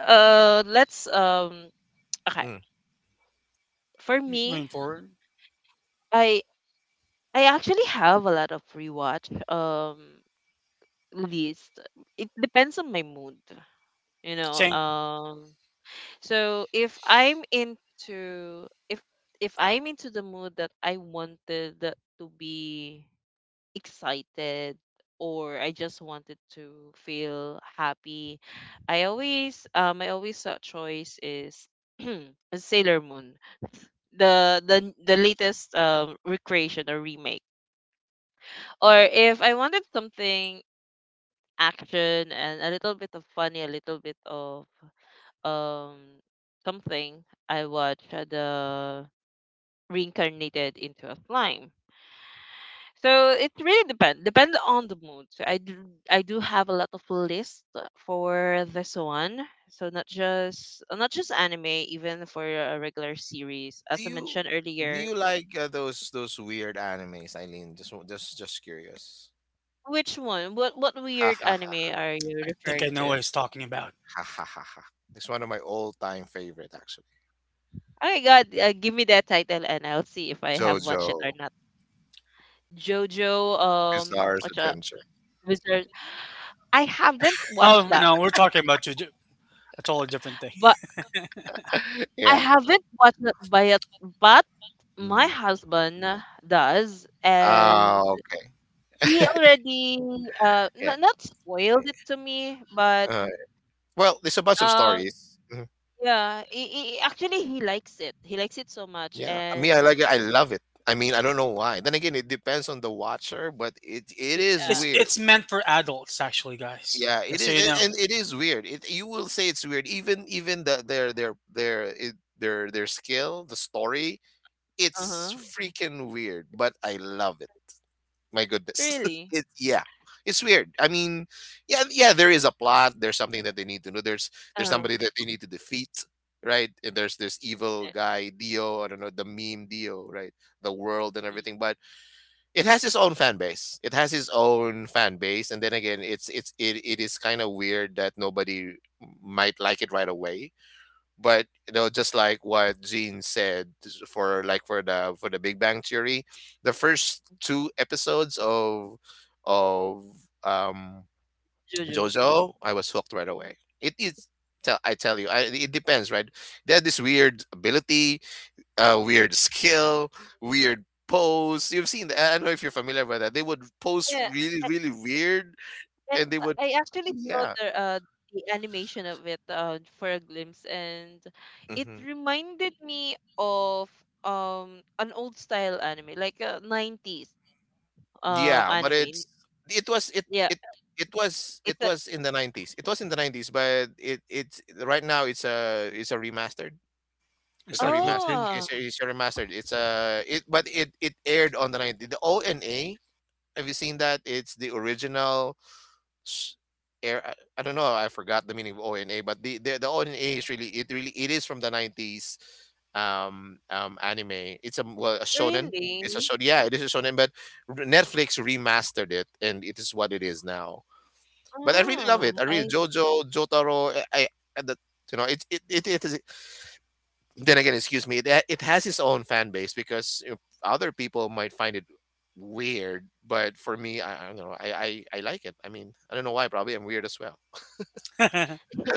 [SPEAKER 1] uh let's okay,
[SPEAKER 3] mm.
[SPEAKER 1] for me,
[SPEAKER 2] moving forward,
[SPEAKER 1] I I actually have a lot of rewatch list. It depends on my mood, you know.
[SPEAKER 2] saying
[SPEAKER 1] So if I'm into the mood that I wanted to be excited, or I just wanted to feel happy, I always thought choice is Sailor Moon, the latest recreation or remake. Or if I wanted something action and a little bit of funny, a little bit of um something, I watched the reincarnated into a slime. So it really depends. Depends on the mood. So I do have a lot of list for this one. So not just anime, even for a regular series.
[SPEAKER 3] Do
[SPEAKER 1] As I
[SPEAKER 3] you
[SPEAKER 1] mentioned earlier,
[SPEAKER 3] like those weird animes, Eileen? Just just curious.
[SPEAKER 1] which one? What
[SPEAKER 3] Ha
[SPEAKER 1] weird
[SPEAKER 3] ha ha
[SPEAKER 1] anime are you
[SPEAKER 2] I think I
[SPEAKER 1] referring
[SPEAKER 2] know
[SPEAKER 1] to?
[SPEAKER 2] what he's talking about.
[SPEAKER 3] ha ha ha. Ha. It's one of my all-time favorite, actually.
[SPEAKER 1] Oh my god, give me that title and I'll see if I have
[SPEAKER 3] JoJo
[SPEAKER 1] watched it or not. Jojo,
[SPEAKER 3] Bizarre's
[SPEAKER 1] what's,
[SPEAKER 3] Adventure.
[SPEAKER 1] Bizarre- I haven't watched
[SPEAKER 2] Oh
[SPEAKER 1] that,
[SPEAKER 2] no, we're talking about two, a totally different thing.
[SPEAKER 1] but. I
[SPEAKER 3] Yeah.
[SPEAKER 1] haven't watched it by it, but
[SPEAKER 3] Mm.
[SPEAKER 1] my husband does,
[SPEAKER 3] Ah,
[SPEAKER 1] and
[SPEAKER 3] okay.
[SPEAKER 1] he already
[SPEAKER 3] Yeah.
[SPEAKER 1] not spoiled it to me, but
[SPEAKER 3] Uh, well, there's a bunch of
[SPEAKER 1] um
[SPEAKER 3] stories. Mhm.
[SPEAKER 1] yeah, actually he likes it. He likes it so much,
[SPEAKER 3] Yeah. Me, I
[SPEAKER 1] and
[SPEAKER 3] like it. I love it. I mean, I don't know why. Then again, it depends on the watcher, but it
[SPEAKER 1] y-
[SPEAKER 3] is weird.
[SPEAKER 2] It's meant for adults, actually, guys.
[SPEAKER 3] Yeah, it
[SPEAKER 2] Just so
[SPEAKER 3] is,
[SPEAKER 2] you know,
[SPEAKER 3] and it is weird. It, you will say it's weird. Even even their skill, the story,
[SPEAKER 1] uh
[SPEAKER 3] it's
[SPEAKER 1] huh,
[SPEAKER 3] freaking weird. But I love it. My goodness.
[SPEAKER 1] really,
[SPEAKER 3] It, yeah. It's weird. I mean, yeah, yeah, there is a plot. There's something that they need to know. There's
[SPEAKER 1] uh
[SPEAKER 3] there's
[SPEAKER 1] huh,
[SPEAKER 3] somebody that they need to defeat, right? And there's this evil guy, Dio, I don't know, the meme Dio, right? The world and everything. But it has its own fan base. It has its own fan base. And then again, it's it is kind of weird that nobody might like it right away, but you know just like what Gene said for like for the Big Bang Theory, the first two episodes of of um
[SPEAKER 1] Jojo,
[SPEAKER 3] JoJo, I was hooked right away. It is tell I tell you, I, it depends, right? They had this weird ability, weird skill, weird pose. You've seen that. I don't know if you're familiar with that. They would pose
[SPEAKER 1] yeah.
[SPEAKER 3] really, really weird,
[SPEAKER 1] And
[SPEAKER 3] and they would,
[SPEAKER 1] I actually saw
[SPEAKER 3] yeah.
[SPEAKER 1] the animation of it for a glimpse, and it
[SPEAKER 3] Mm-hmm.
[SPEAKER 1] reminded me of an old style anime, like a 90s
[SPEAKER 3] Yeah, but
[SPEAKER 1] anime.
[SPEAKER 3] it was it
[SPEAKER 1] Yeah,
[SPEAKER 3] it it was, it
[SPEAKER 1] it's a
[SPEAKER 3] was in the 90s. It was in the 90s, but it it's right now it's a remastered. It's
[SPEAKER 2] it's
[SPEAKER 3] a
[SPEAKER 2] like
[SPEAKER 3] remastered.
[SPEAKER 2] Lupin.
[SPEAKER 1] oh
[SPEAKER 3] It's a remastered. It's a it but it aired on the 90s. The ONA. Have you seen that? It's the original s- air I don't know, I forgot the meaning of ona, but the ona is really it is from the 90s anime. It's a well a shonen, it's a
[SPEAKER 1] really?
[SPEAKER 3] shonen, yeah, it is a shonen, but Netflix remastered it and it is what it is now. But I really love it.
[SPEAKER 1] Oh,
[SPEAKER 3] I really
[SPEAKER 1] I
[SPEAKER 3] JoJo, Jotaro, and the, you know it is then again, excuse me, it has its own fan base because you know, other people might find it weird, but for me I don't know, I like it. I mean, I don't know why, probably I'm weird as well.
[SPEAKER 2] Oh,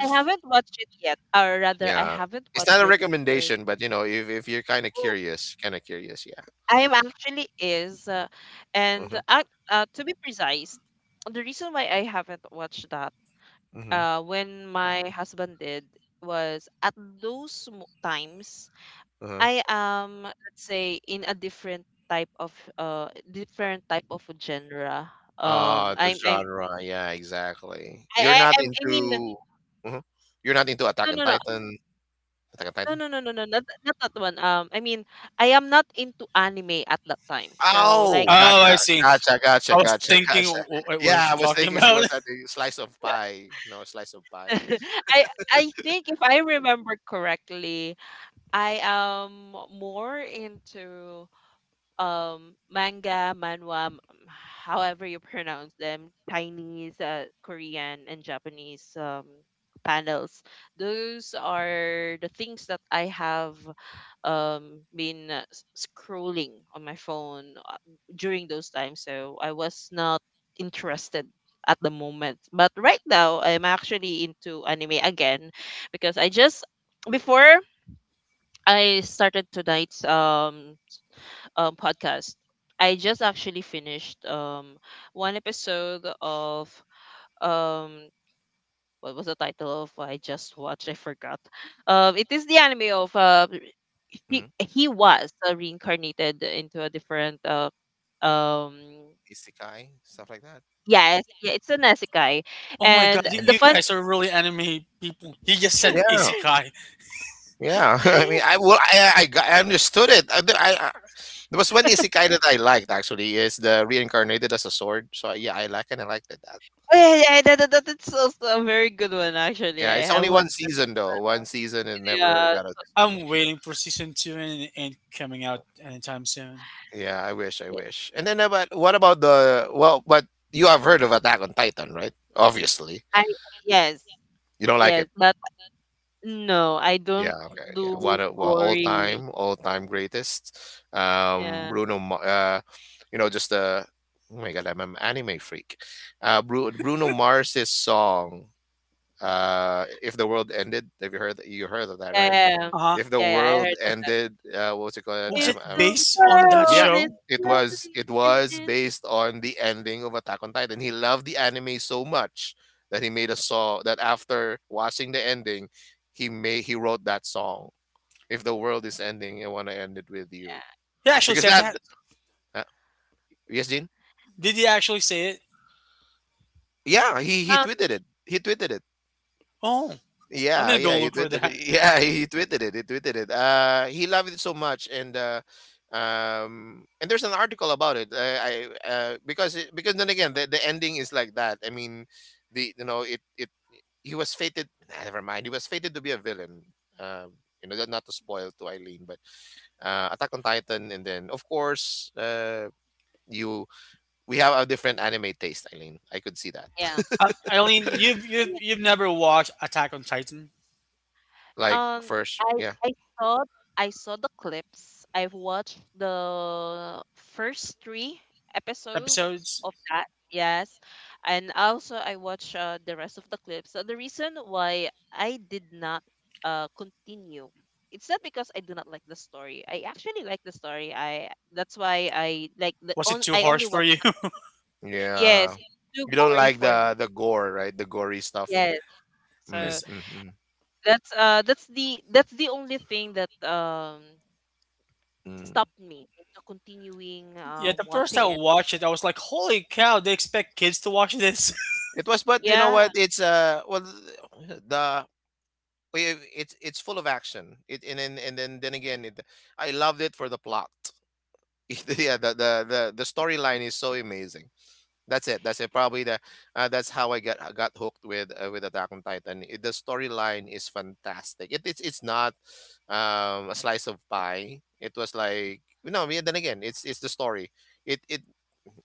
[SPEAKER 1] I haven't watched it yet, or rather, I
[SPEAKER 3] Yeah.
[SPEAKER 1] haven't
[SPEAKER 3] It's not
[SPEAKER 1] watched
[SPEAKER 3] a
[SPEAKER 1] it because
[SPEAKER 3] recommendation, but you know, if you're kind of curious, yeah.
[SPEAKER 1] I am actually is, and
[SPEAKER 3] Uh-huh,
[SPEAKER 1] to be precise, the reason why I haven't watched that,
[SPEAKER 3] uh-huh,
[SPEAKER 1] when my husband did, was at those times.
[SPEAKER 3] uh-huh.
[SPEAKER 1] I am, let's say, in a different type of genre.
[SPEAKER 3] Ah, the
[SPEAKER 1] I'm
[SPEAKER 3] genre, yeah, exactly.
[SPEAKER 1] I I'm- I mean,
[SPEAKER 3] Uh you're not into Attack
[SPEAKER 1] no,
[SPEAKER 3] on
[SPEAKER 1] no, no,
[SPEAKER 3] Titan, Attack on
[SPEAKER 1] no,
[SPEAKER 3] Titan.
[SPEAKER 1] no, no, no, no, not that one. I mean, I am not into anime at that time. So, like,
[SPEAKER 3] Oh, gotcha,
[SPEAKER 2] I see.
[SPEAKER 3] gotcha, gotcha,
[SPEAKER 2] I was
[SPEAKER 3] gotcha,
[SPEAKER 2] thinking,
[SPEAKER 3] gotcha.
[SPEAKER 2] what was
[SPEAKER 3] Yeah, I
[SPEAKER 2] she
[SPEAKER 3] was
[SPEAKER 2] talking
[SPEAKER 3] thinking she
[SPEAKER 2] about?
[SPEAKER 3] was like a slice of pie, you know, a slice of pie,
[SPEAKER 1] I I think if I remember correctly, I am more into manga, manhwa, however you pronounce them, Chinese, Korean, and Japanese panels. Those are the things that I have um, been scrolling on my phone uh, during those times. So I was not interested at the moment. But right now, I'm actually into anime again because I just before I started tonight's podcast. I just actually finished one episode of um what was the title of what I just watched? I forgot. It is the anime of he
[SPEAKER 3] mm,
[SPEAKER 1] he was reincarnated into a different um
[SPEAKER 3] isekai, stuff like that.
[SPEAKER 1] yes, yeah, it's an isekai.
[SPEAKER 2] Oh my god,
[SPEAKER 1] And
[SPEAKER 2] you,
[SPEAKER 1] the
[SPEAKER 3] Mhm.
[SPEAKER 2] you
[SPEAKER 1] fun.
[SPEAKER 2] guys are really anime people. He just said
[SPEAKER 3] Yeah.
[SPEAKER 2] isekai.
[SPEAKER 3] Yeah, I mean, I well, I understood it. I there was one isekai that I liked, actually, is the reincarnated as a sword. So yeah, I like and I liked it. That
[SPEAKER 1] Yeah, yeah, that's also a very good one. Actually,
[SPEAKER 3] yeah,
[SPEAKER 1] I
[SPEAKER 3] it's
[SPEAKER 1] have
[SPEAKER 3] only
[SPEAKER 1] what?
[SPEAKER 3] one season though. One season and never
[SPEAKER 1] Yeah,
[SPEAKER 3] got a.
[SPEAKER 2] I'm waiting for season two and it ain't coming out anytime soon.
[SPEAKER 3] Yeah, I wish, I wish. And then about what about the well? But you have heard of Attack on Titan, right? Obviously,
[SPEAKER 1] I yes,
[SPEAKER 3] you don't
[SPEAKER 1] yes.
[SPEAKER 3] like
[SPEAKER 1] Yes,
[SPEAKER 3] it.
[SPEAKER 1] but no, I
[SPEAKER 3] Yeah,
[SPEAKER 1] don't
[SPEAKER 3] okay. Yeah.
[SPEAKER 1] do
[SPEAKER 3] What a well,
[SPEAKER 1] gory.
[SPEAKER 3] all time greatest.
[SPEAKER 1] Yeah.
[SPEAKER 3] Bruno, you know, just uh, oh my God, I'm an anime freak. Bruno Mars's song, "If the World Ended." Have you heard, you heard of that,
[SPEAKER 1] Yeah,
[SPEAKER 3] right?
[SPEAKER 1] yeah, yeah.
[SPEAKER 2] Uh
[SPEAKER 3] If
[SPEAKER 2] huh.
[SPEAKER 3] the
[SPEAKER 1] Yeah, yeah, I
[SPEAKER 3] world
[SPEAKER 1] heard of that.
[SPEAKER 3] ended, what's it called?
[SPEAKER 2] Was
[SPEAKER 1] If
[SPEAKER 2] it
[SPEAKER 1] the
[SPEAKER 2] based on that
[SPEAKER 1] world
[SPEAKER 3] Yeah,
[SPEAKER 1] is
[SPEAKER 2] show?
[SPEAKER 1] lovely,
[SPEAKER 3] it was
[SPEAKER 1] yeah.
[SPEAKER 3] based on the ending of Attack on Titan. He loved the anime so much that he made a song that after watching the ending, he wrote that song, "If the world is ending, I want to end it with you."
[SPEAKER 2] He actually
[SPEAKER 3] Because
[SPEAKER 2] said
[SPEAKER 3] that,
[SPEAKER 2] that.
[SPEAKER 3] uh, yes, Gene.
[SPEAKER 2] Did he actually say it?
[SPEAKER 3] Yeah, he
[SPEAKER 1] Um,
[SPEAKER 3] tweeted it. He tweeted it.
[SPEAKER 2] Oh, I'm
[SPEAKER 3] Yeah,
[SPEAKER 2] gonna
[SPEAKER 3] yeah,
[SPEAKER 2] go
[SPEAKER 3] he
[SPEAKER 2] look for
[SPEAKER 3] tweeted it.
[SPEAKER 2] that.
[SPEAKER 3] Yeah, he tweeted it. He tweeted it. He loved it so much, and there's an article about it. I because it, because then again, the ending is like that. I mean, the you know it it he was fated. Nah, never mind. He was fated to be a villain. You know, that, not to spoil to Eileen, but Attack on Titan, and then of course, you we have a different anime taste, Eileen. I could see that.
[SPEAKER 1] yeah.
[SPEAKER 2] Eileen, you've you've never watched Attack on Titan
[SPEAKER 3] Like
[SPEAKER 1] Um,
[SPEAKER 3] first,
[SPEAKER 1] I
[SPEAKER 3] yeah,
[SPEAKER 1] I saw I saw the clips. I've watched the first three episodes
[SPEAKER 2] episodes.
[SPEAKER 1] of that. Yes, and also I watched the rest of the clips. So the reason why I did not continue, it's not because I do not like the story. I actually like the story. I That's why I like the
[SPEAKER 2] Was it
[SPEAKER 1] on.
[SPEAKER 2] too
[SPEAKER 1] I only
[SPEAKER 2] harsh for
[SPEAKER 1] watch.
[SPEAKER 2] you?
[SPEAKER 3] yeah.
[SPEAKER 1] Yes, it's too
[SPEAKER 3] You don't
[SPEAKER 1] gory
[SPEAKER 3] like
[SPEAKER 1] for
[SPEAKER 3] the
[SPEAKER 1] me.
[SPEAKER 3] gore, right? The gory stuff.
[SPEAKER 1] Yes,
[SPEAKER 3] Mm,
[SPEAKER 1] so
[SPEAKER 2] 'Cause,
[SPEAKER 3] mm, mm,
[SPEAKER 1] that's the only thing that
[SPEAKER 3] mm.
[SPEAKER 1] stopped me into continuing
[SPEAKER 2] yeah, the first time
[SPEAKER 1] watching
[SPEAKER 2] I
[SPEAKER 1] it.
[SPEAKER 2] watched it, I was like, "Holy cow! They expect kids to watch this."
[SPEAKER 3] It was, but you know
[SPEAKER 1] Yeah.
[SPEAKER 3] what? It's well, the it's full of action. It, and then again, it I loved it for the plot. Yeah, the storyline is so amazing. That's it. That's it. Probably the that's how I got hooked with Attack on Titan. It, the storyline is fantastic. It, it's not a slice of pie. It was like no. Yeah, then again, it's the story. It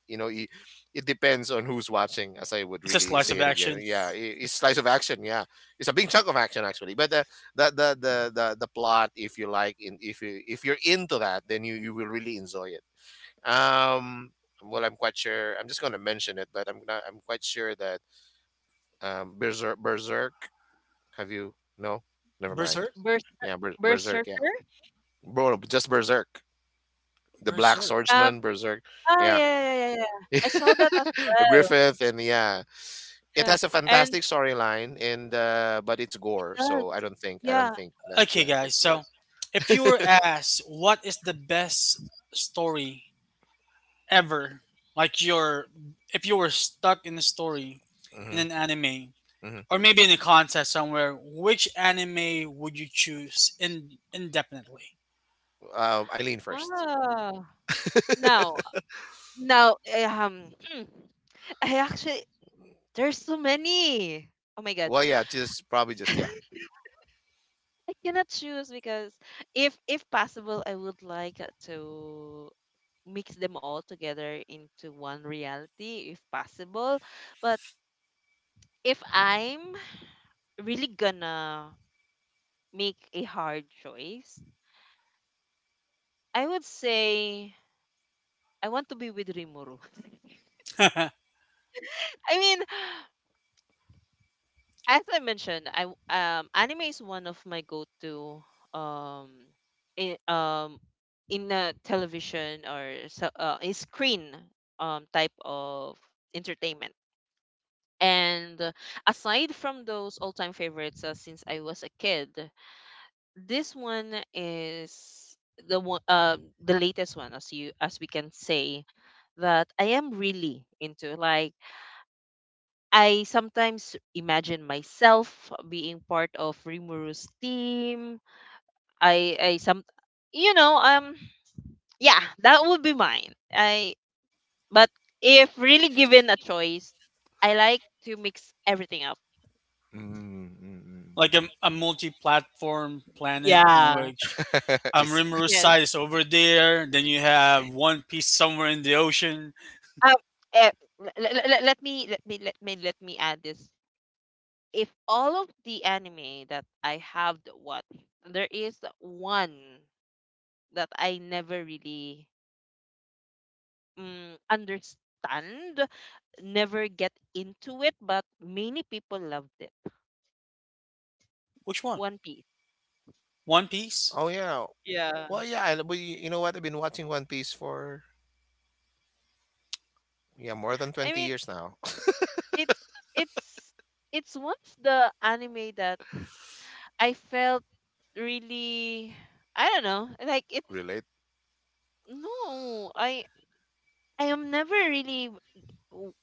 [SPEAKER 3] you know it, it depends on who's watching. As I would
[SPEAKER 2] It's a
[SPEAKER 3] really
[SPEAKER 2] slice
[SPEAKER 3] say
[SPEAKER 2] of
[SPEAKER 3] it again.
[SPEAKER 2] action.
[SPEAKER 3] Yeah, it, it's slice of action. Yeah, it's a big chunk of action actually. But the plot, if you like, in if you if you're into that, then you will really enjoy it. Um, well, I'm quite sure. I'm just going to mention it, but I'm not. I'm quite sure that Berserk. Berserk. Have you? No, never
[SPEAKER 1] mm
[SPEAKER 3] mind.
[SPEAKER 2] Berserk.
[SPEAKER 1] Bers-
[SPEAKER 3] Yeah, Berserk. Yeah,
[SPEAKER 1] Berserker.
[SPEAKER 3] bro, just Berserk. The Black
[SPEAKER 2] Berserk.
[SPEAKER 1] Um
[SPEAKER 3] Swordsman, Berserk. Yeah,
[SPEAKER 1] yeah, yeah, yeah, yeah. Yeah. I saw that as well.
[SPEAKER 3] Griffith, and yeah, it
[SPEAKER 1] Yeah.
[SPEAKER 3] has a
[SPEAKER 1] And
[SPEAKER 3] fantastic storyline, and but it's
[SPEAKER 1] it
[SPEAKER 3] gore,
[SPEAKER 1] does.
[SPEAKER 3] so I don't
[SPEAKER 1] Yeah.
[SPEAKER 3] think that
[SPEAKER 2] Okay,
[SPEAKER 3] yeah,
[SPEAKER 2] guys.
[SPEAKER 3] it's gore.
[SPEAKER 2] So, if you were asked what is the best story ever, like your, if you were stuck in a story in
[SPEAKER 3] Hmm.
[SPEAKER 2] an anime
[SPEAKER 3] Hmm.
[SPEAKER 2] or maybe in a contest somewhere, which anime would you choose in, indefinitely?
[SPEAKER 3] Eileen first.
[SPEAKER 1] Ah. Now, now eh, um I actually there's so many. Oh my god.
[SPEAKER 3] Well, yeah, just probably just yeah.
[SPEAKER 1] I cannot choose because if possible I would like to mix them all together into one reality if possible but if I'm really gonna make a hard choice, I would say I want to be with Rimuru.
[SPEAKER 2] Like
[SPEAKER 1] I mean, as I mentioned, anime is one of my go-to um in, um in a television or so, a screen type of entertainment. And Aside from those all-time favorites since I was a kid, this one is the one, the latest one, as you as we can say that I am really into. Like I sometimes imagine myself being part of Rimuru's team. I some, you know, yeah, that would be mine. I But if really given a choice, I like to mix everything up.
[SPEAKER 3] Mm-hmm.
[SPEAKER 2] a multi-platform planet in
[SPEAKER 1] Yeah.
[SPEAKER 2] which
[SPEAKER 3] It's
[SPEAKER 2] Rimuru
[SPEAKER 1] Yes.
[SPEAKER 2] side is over there. Then you have One Piece somewhere in the ocean.
[SPEAKER 1] Um, eh, Let me add this. If all of the anime that I have watched, there is one that I never really understand, never get into it, but many people loved it.
[SPEAKER 2] Which one?
[SPEAKER 1] One Piece.
[SPEAKER 2] One Piece.
[SPEAKER 3] oh yeah,
[SPEAKER 1] Yeah.
[SPEAKER 3] well yeah. And we you know what? I've been watching One Piece for yeah more than
[SPEAKER 1] I
[SPEAKER 3] twenty
[SPEAKER 1] mean,
[SPEAKER 3] years now.
[SPEAKER 1] it's it's it's once the anime that I felt really I don't know, like it's
[SPEAKER 3] Relate?
[SPEAKER 1] no, I am never really w-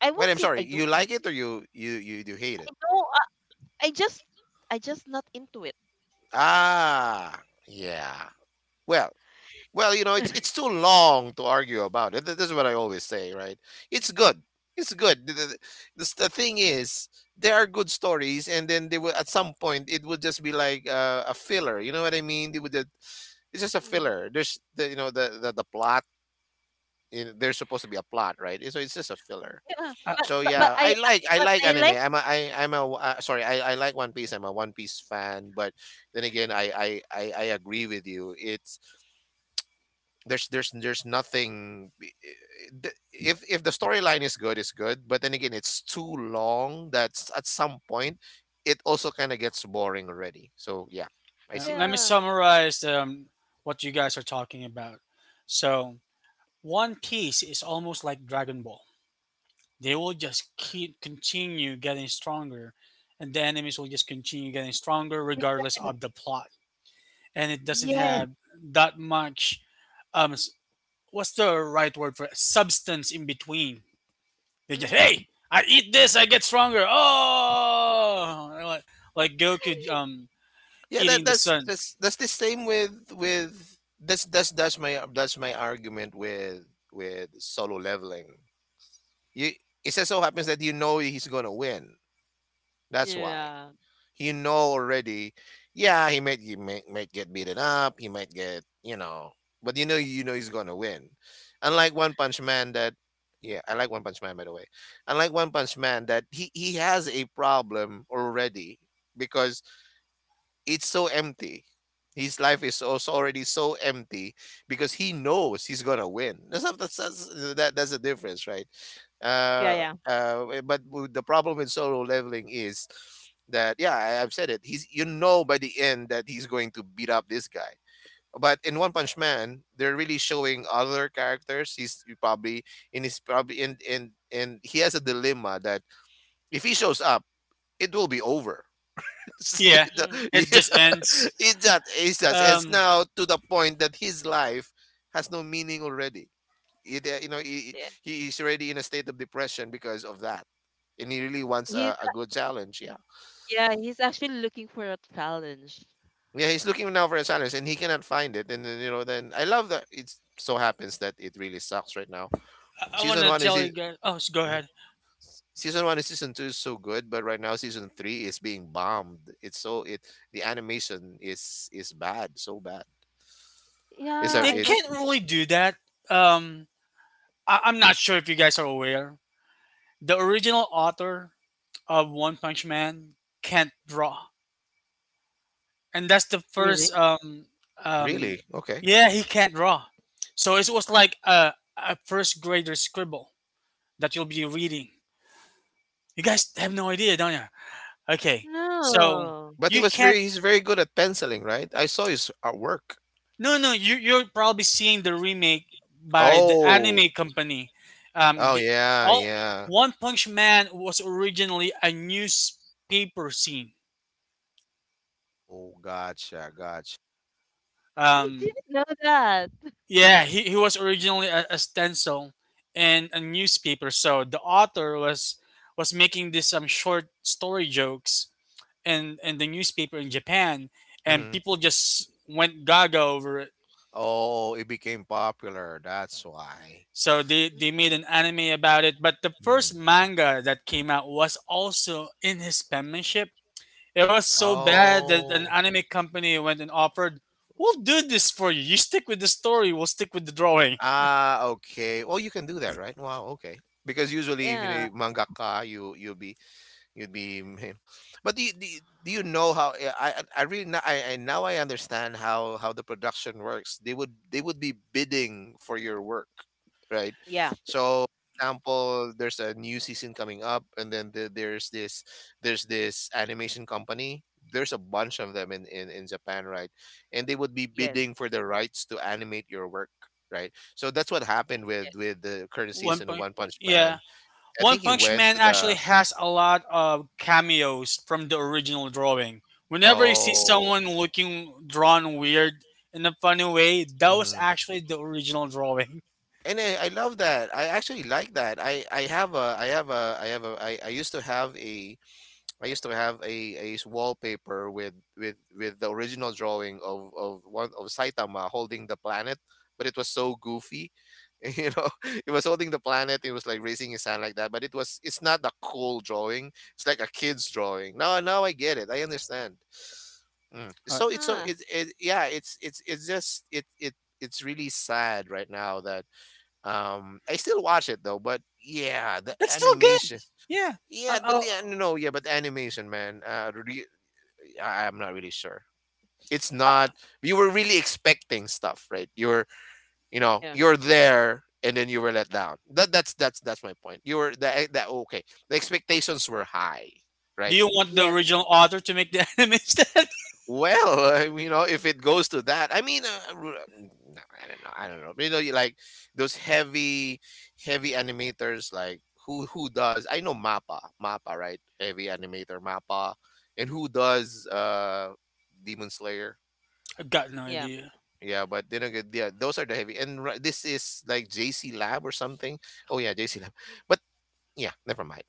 [SPEAKER 1] I
[SPEAKER 3] Wait,
[SPEAKER 1] won't
[SPEAKER 3] I'm
[SPEAKER 1] say I
[SPEAKER 3] sorry. You
[SPEAKER 1] don't like.
[SPEAKER 3] like it or you hate
[SPEAKER 1] I
[SPEAKER 3] it?
[SPEAKER 1] know I just I just not into it.
[SPEAKER 3] Ah, yeah. Well, it's too long to argue about it. This is what I always say, right? It's good. It's good. The thing is, there are good stories, and then they will at some point it would just be like a filler. You know what I mean? It's just a
[SPEAKER 1] Mm.
[SPEAKER 3] filler. There's the the plot. In, there's supposed to be a plot, right? So it's just a filler.
[SPEAKER 1] Yeah,
[SPEAKER 3] So yeah, I like I
[SPEAKER 1] but
[SPEAKER 3] like
[SPEAKER 1] I
[SPEAKER 3] anime.
[SPEAKER 1] like.
[SPEAKER 3] I'm a sorry. I like One Piece. I'm a One Piece fan. But then again, I agree with you. It's there's nothing. If the storyline is good, it's good. But then again, it's too long. That's at some point, it also kind of gets boring already. So yeah, I see.
[SPEAKER 2] Let me
[SPEAKER 1] Yeah.
[SPEAKER 2] summarize what you guys are talking about. So, One Piece is almost like Dragon Ball. They will just keep continue getting stronger, and the enemies will just continue getting stronger regardless of the plot. And it doesn't
[SPEAKER 1] Yes.
[SPEAKER 2] have that much. Um, s- what's the right word for it? Substance in between? They just
[SPEAKER 1] Mm.
[SPEAKER 2] hey, I eat this, I get stronger. Oh, like Goku
[SPEAKER 3] Yeah, that
[SPEAKER 2] eating the
[SPEAKER 3] that's
[SPEAKER 2] sun.
[SPEAKER 3] that's that's the same with that's my argument with solo leveling. You it just so happens that you know he's gonna win. That's why
[SPEAKER 1] Yeah.
[SPEAKER 3] you know already. Yeah, he might get beaten up. He might get you know, but you know he's gonna win. Unlike One Punch Man, that yeah, I like One Punch Man by the way. Unlike One Punch Man, that he has a problem already because it's so empty. His life is also already so empty because he knows he's gonna win. That's not, that's, that's the difference, right?
[SPEAKER 1] Yeah,
[SPEAKER 3] Uh,
[SPEAKER 1] yeah.
[SPEAKER 3] uh, eh, but w- the problem with solo leveling is that yeah, I've said it. He's you know by the end that he's going to beat up this guy. But in One Punch Man, they're really showing other characters. He's probably in his probably in and he has a dilemma that if he shows up, it will be over. so
[SPEAKER 2] Yeah,
[SPEAKER 1] Mm.
[SPEAKER 3] you
[SPEAKER 2] it
[SPEAKER 3] know,
[SPEAKER 2] just ends.
[SPEAKER 3] It's
[SPEAKER 2] Um,
[SPEAKER 3] now to the point that his life has no meaning already.
[SPEAKER 1] Yeah.
[SPEAKER 3] He is already in a state of depression because of that. And he really wants
[SPEAKER 1] He's
[SPEAKER 3] a good challenge. Yeah.
[SPEAKER 1] yeah, he's actually looking for a challenge.
[SPEAKER 3] Yeah. He's looking now for a challenge and he cannot find it. And then, you know, then I love that it so happens that it really sucks right now.
[SPEAKER 2] I want
[SPEAKER 3] Season
[SPEAKER 2] to
[SPEAKER 3] one is,
[SPEAKER 2] tell you
[SPEAKER 3] it-
[SPEAKER 2] guys. Oh, so go
[SPEAKER 3] mhm.
[SPEAKER 2] ahead.
[SPEAKER 3] Season one and season two is so good, but right now season three is being bombed. Is bad, so bad. It's a,
[SPEAKER 1] Yeah,
[SPEAKER 2] They
[SPEAKER 1] I
[SPEAKER 3] it
[SPEAKER 1] watched
[SPEAKER 2] can't
[SPEAKER 1] it.
[SPEAKER 2] really do that. Um, I'm not sure if you guys are aware. The original author of One Punch Man can't draw, and that's the first.
[SPEAKER 1] Really?
[SPEAKER 2] Um,
[SPEAKER 3] really, okay.
[SPEAKER 2] yeah, he can't draw, so it was like a first grader scribble that you'll be reading. You guys have no idea, don't you? Okay, so
[SPEAKER 1] No.
[SPEAKER 3] But
[SPEAKER 2] you can't.
[SPEAKER 3] he's very good at penciling, right? I saw his artwork.
[SPEAKER 2] No, no, you're probably seeing the remake by the
[SPEAKER 3] Oh.
[SPEAKER 2] anime company.
[SPEAKER 3] Oh
[SPEAKER 2] The,
[SPEAKER 3] yeah,
[SPEAKER 2] all
[SPEAKER 3] yeah.
[SPEAKER 2] One Punch Man was originally a newspaper scene.
[SPEAKER 3] Oh, gotcha, gotcha.
[SPEAKER 1] I
[SPEAKER 2] Um,
[SPEAKER 1] didn't know that.
[SPEAKER 2] yeah, he was originally a stencil and a newspaper. So the author was making this short story jokes and the newspaper in Japan, and
[SPEAKER 3] Hmm.
[SPEAKER 2] people just went gaga over it.
[SPEAKER 3] Oh, it became popular. That's why.
[SPEAKER 2] So they made
[SPEAKER 1] Hmm.
[SPEAKER 2] an anime about it, but the
[SPEAKER 3] Mm.
[SPEAKER 2] first manga that came out was also in his penmanship. It was so bad that an
[SPEAKER 3] Oh.
[SPEAKER 2] anime company went and offered, "We'll do this for you. You stick with the story. We'll stick with the drawing."
[SPEAKER 3] Ah, okay. Well, you can do that, right? Wow, okay. Because usually if
[SPEAKER 1] Yeah.
[SPEAKER 3] you mangaka, you you'll be You'd be, you know. But do you know how I really now I now I understand how the production works. They would be bidding for your work, right?
[SPEAKER 1] Yeah.
[SPEAKER 3] So, example, there's a new season coming up, and then there's this animation company. There's a bunch of them in, in Japan, right? And they would be
[SPEAKER 1] Yes.
[SPEAKER 3] bidding for the rights to animate your work, right? So that's what happened
[SPEAKER 1] Yes.
[SPEAKER 3] with the current
[SPEAKER 2] One
[SPEAKER 3] season of
[SPEAKER 2] punch,
[SPEAKER 3] One Punch
[SPEAKER 2] yeah.
[SPEAKER 3] Man. I
[SPEAKER 2] One
[SPEAKER 3] think he
[SPEAKER 2] Punch
[SPEAKER 3] went
[SPEAKER 2] Man
[SPEAKER 3] to
[SPEAKER 2] actually
[SPEAKER 3] the
[SPEAKER 2] has a lot of cameos from the original drawing. Whenever you see
[SPEAKER 3] oh
[SPEAKER 2] someone looking drawn weird in a funny way, that was
[SPEAKER 3] Mhm.
[SPEAKER 2] actually the original drawing.
[SPEAKER 3] And I love that. I actually like that. I have a I have a I have a I used to have a I used to have a, a wallpaper with with the original drawing of one of Saitama holding the planet, but it was so goofy. You know, it was holding the planet. It was like raising his hand like that. But it's not a cool drawing. It's like a kid's drawing. Now I get it. I understand. Mm.
[SPEAKER 2] Alright.
[SPEAKER 3] So it's so
[SPEAKER 1] Huh.
[SPEAKER 3] it yeah. It's just it it it's really sad right now that I still watch it though, but yeah, the
[SPEAKER 2] It's still
[SPEAKER 3] animation.
[SPEAKER 2] good. Yeah.
[SPEAKER 3] Yeah,
[SPEAKER 2] I,
[SPEAKER 3] but
[SPEAKER 2] I,
[SPEAKER 3] the an- no, yeah, but the animation, man. I'm not really sure. It's not. You were really expecting stuff, right? You're, you know,
[SPEAKER 1] Yeah.
[SPEAKER 3] you're there, and then you were let down. That's my point. You were that that okay. The expectations were high,
[SPEAKER 2] Do
[SPEAKER 3] right?
[SPEAKER 2] you want the
[SPEAKER 1] Yes.
[SPEAKER 2] original author to make the anime instead?
[SPEAKER 3] Well, I mean, you know, if it goes to that, I mean, no, I don't know. You know, you like those heavy, heavy animators, like who does? I know Mappa, right? Heavy animator Mappa, and who does Demon Slayer?
[SPEAKER 2] I've got no
[SPEAKER 1] Yeah.
[SPEAKER 2] idea.
[SPEAKER 3] Yeah, but then again, yeah, those are the heavy, and this is like JC Lab or something. Oh yeah, JC Lab, but yeah, never mind.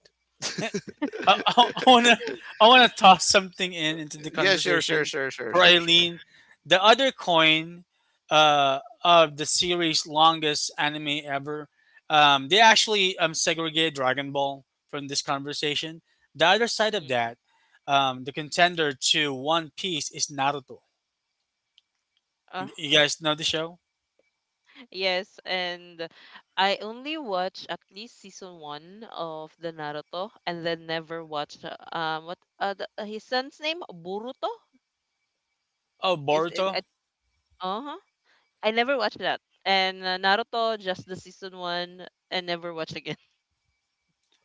[SPEAKER 2] I, I, I wanna I wanna toss something in into the
[SPEAKER 3] yeah,
[SPEAKER 2] conversation for
[SPEAKER 3] sure.
[SPEAKER 2] Eileen. The other coin of the series' longest anime ever. They actually segregated Dragon Ball from this conversation. The other side of
[SPEAKER 1] Mm-hmm.
[SPEAKER 2] that, the contender to One Piece is Naruto. You guys know the show?
[SPEAKER 1] Yes, and I only watch at least season one of the Naruto, and then never watch what the, his son's name Boruto
[SPEAKER 2] Oh,
[SPEAKER 1] is it?
[SPEAKER 2] Boruto.
[SPEAKER 1] Uh huh. I never watched that, and Naruto just the season one, and never watch again.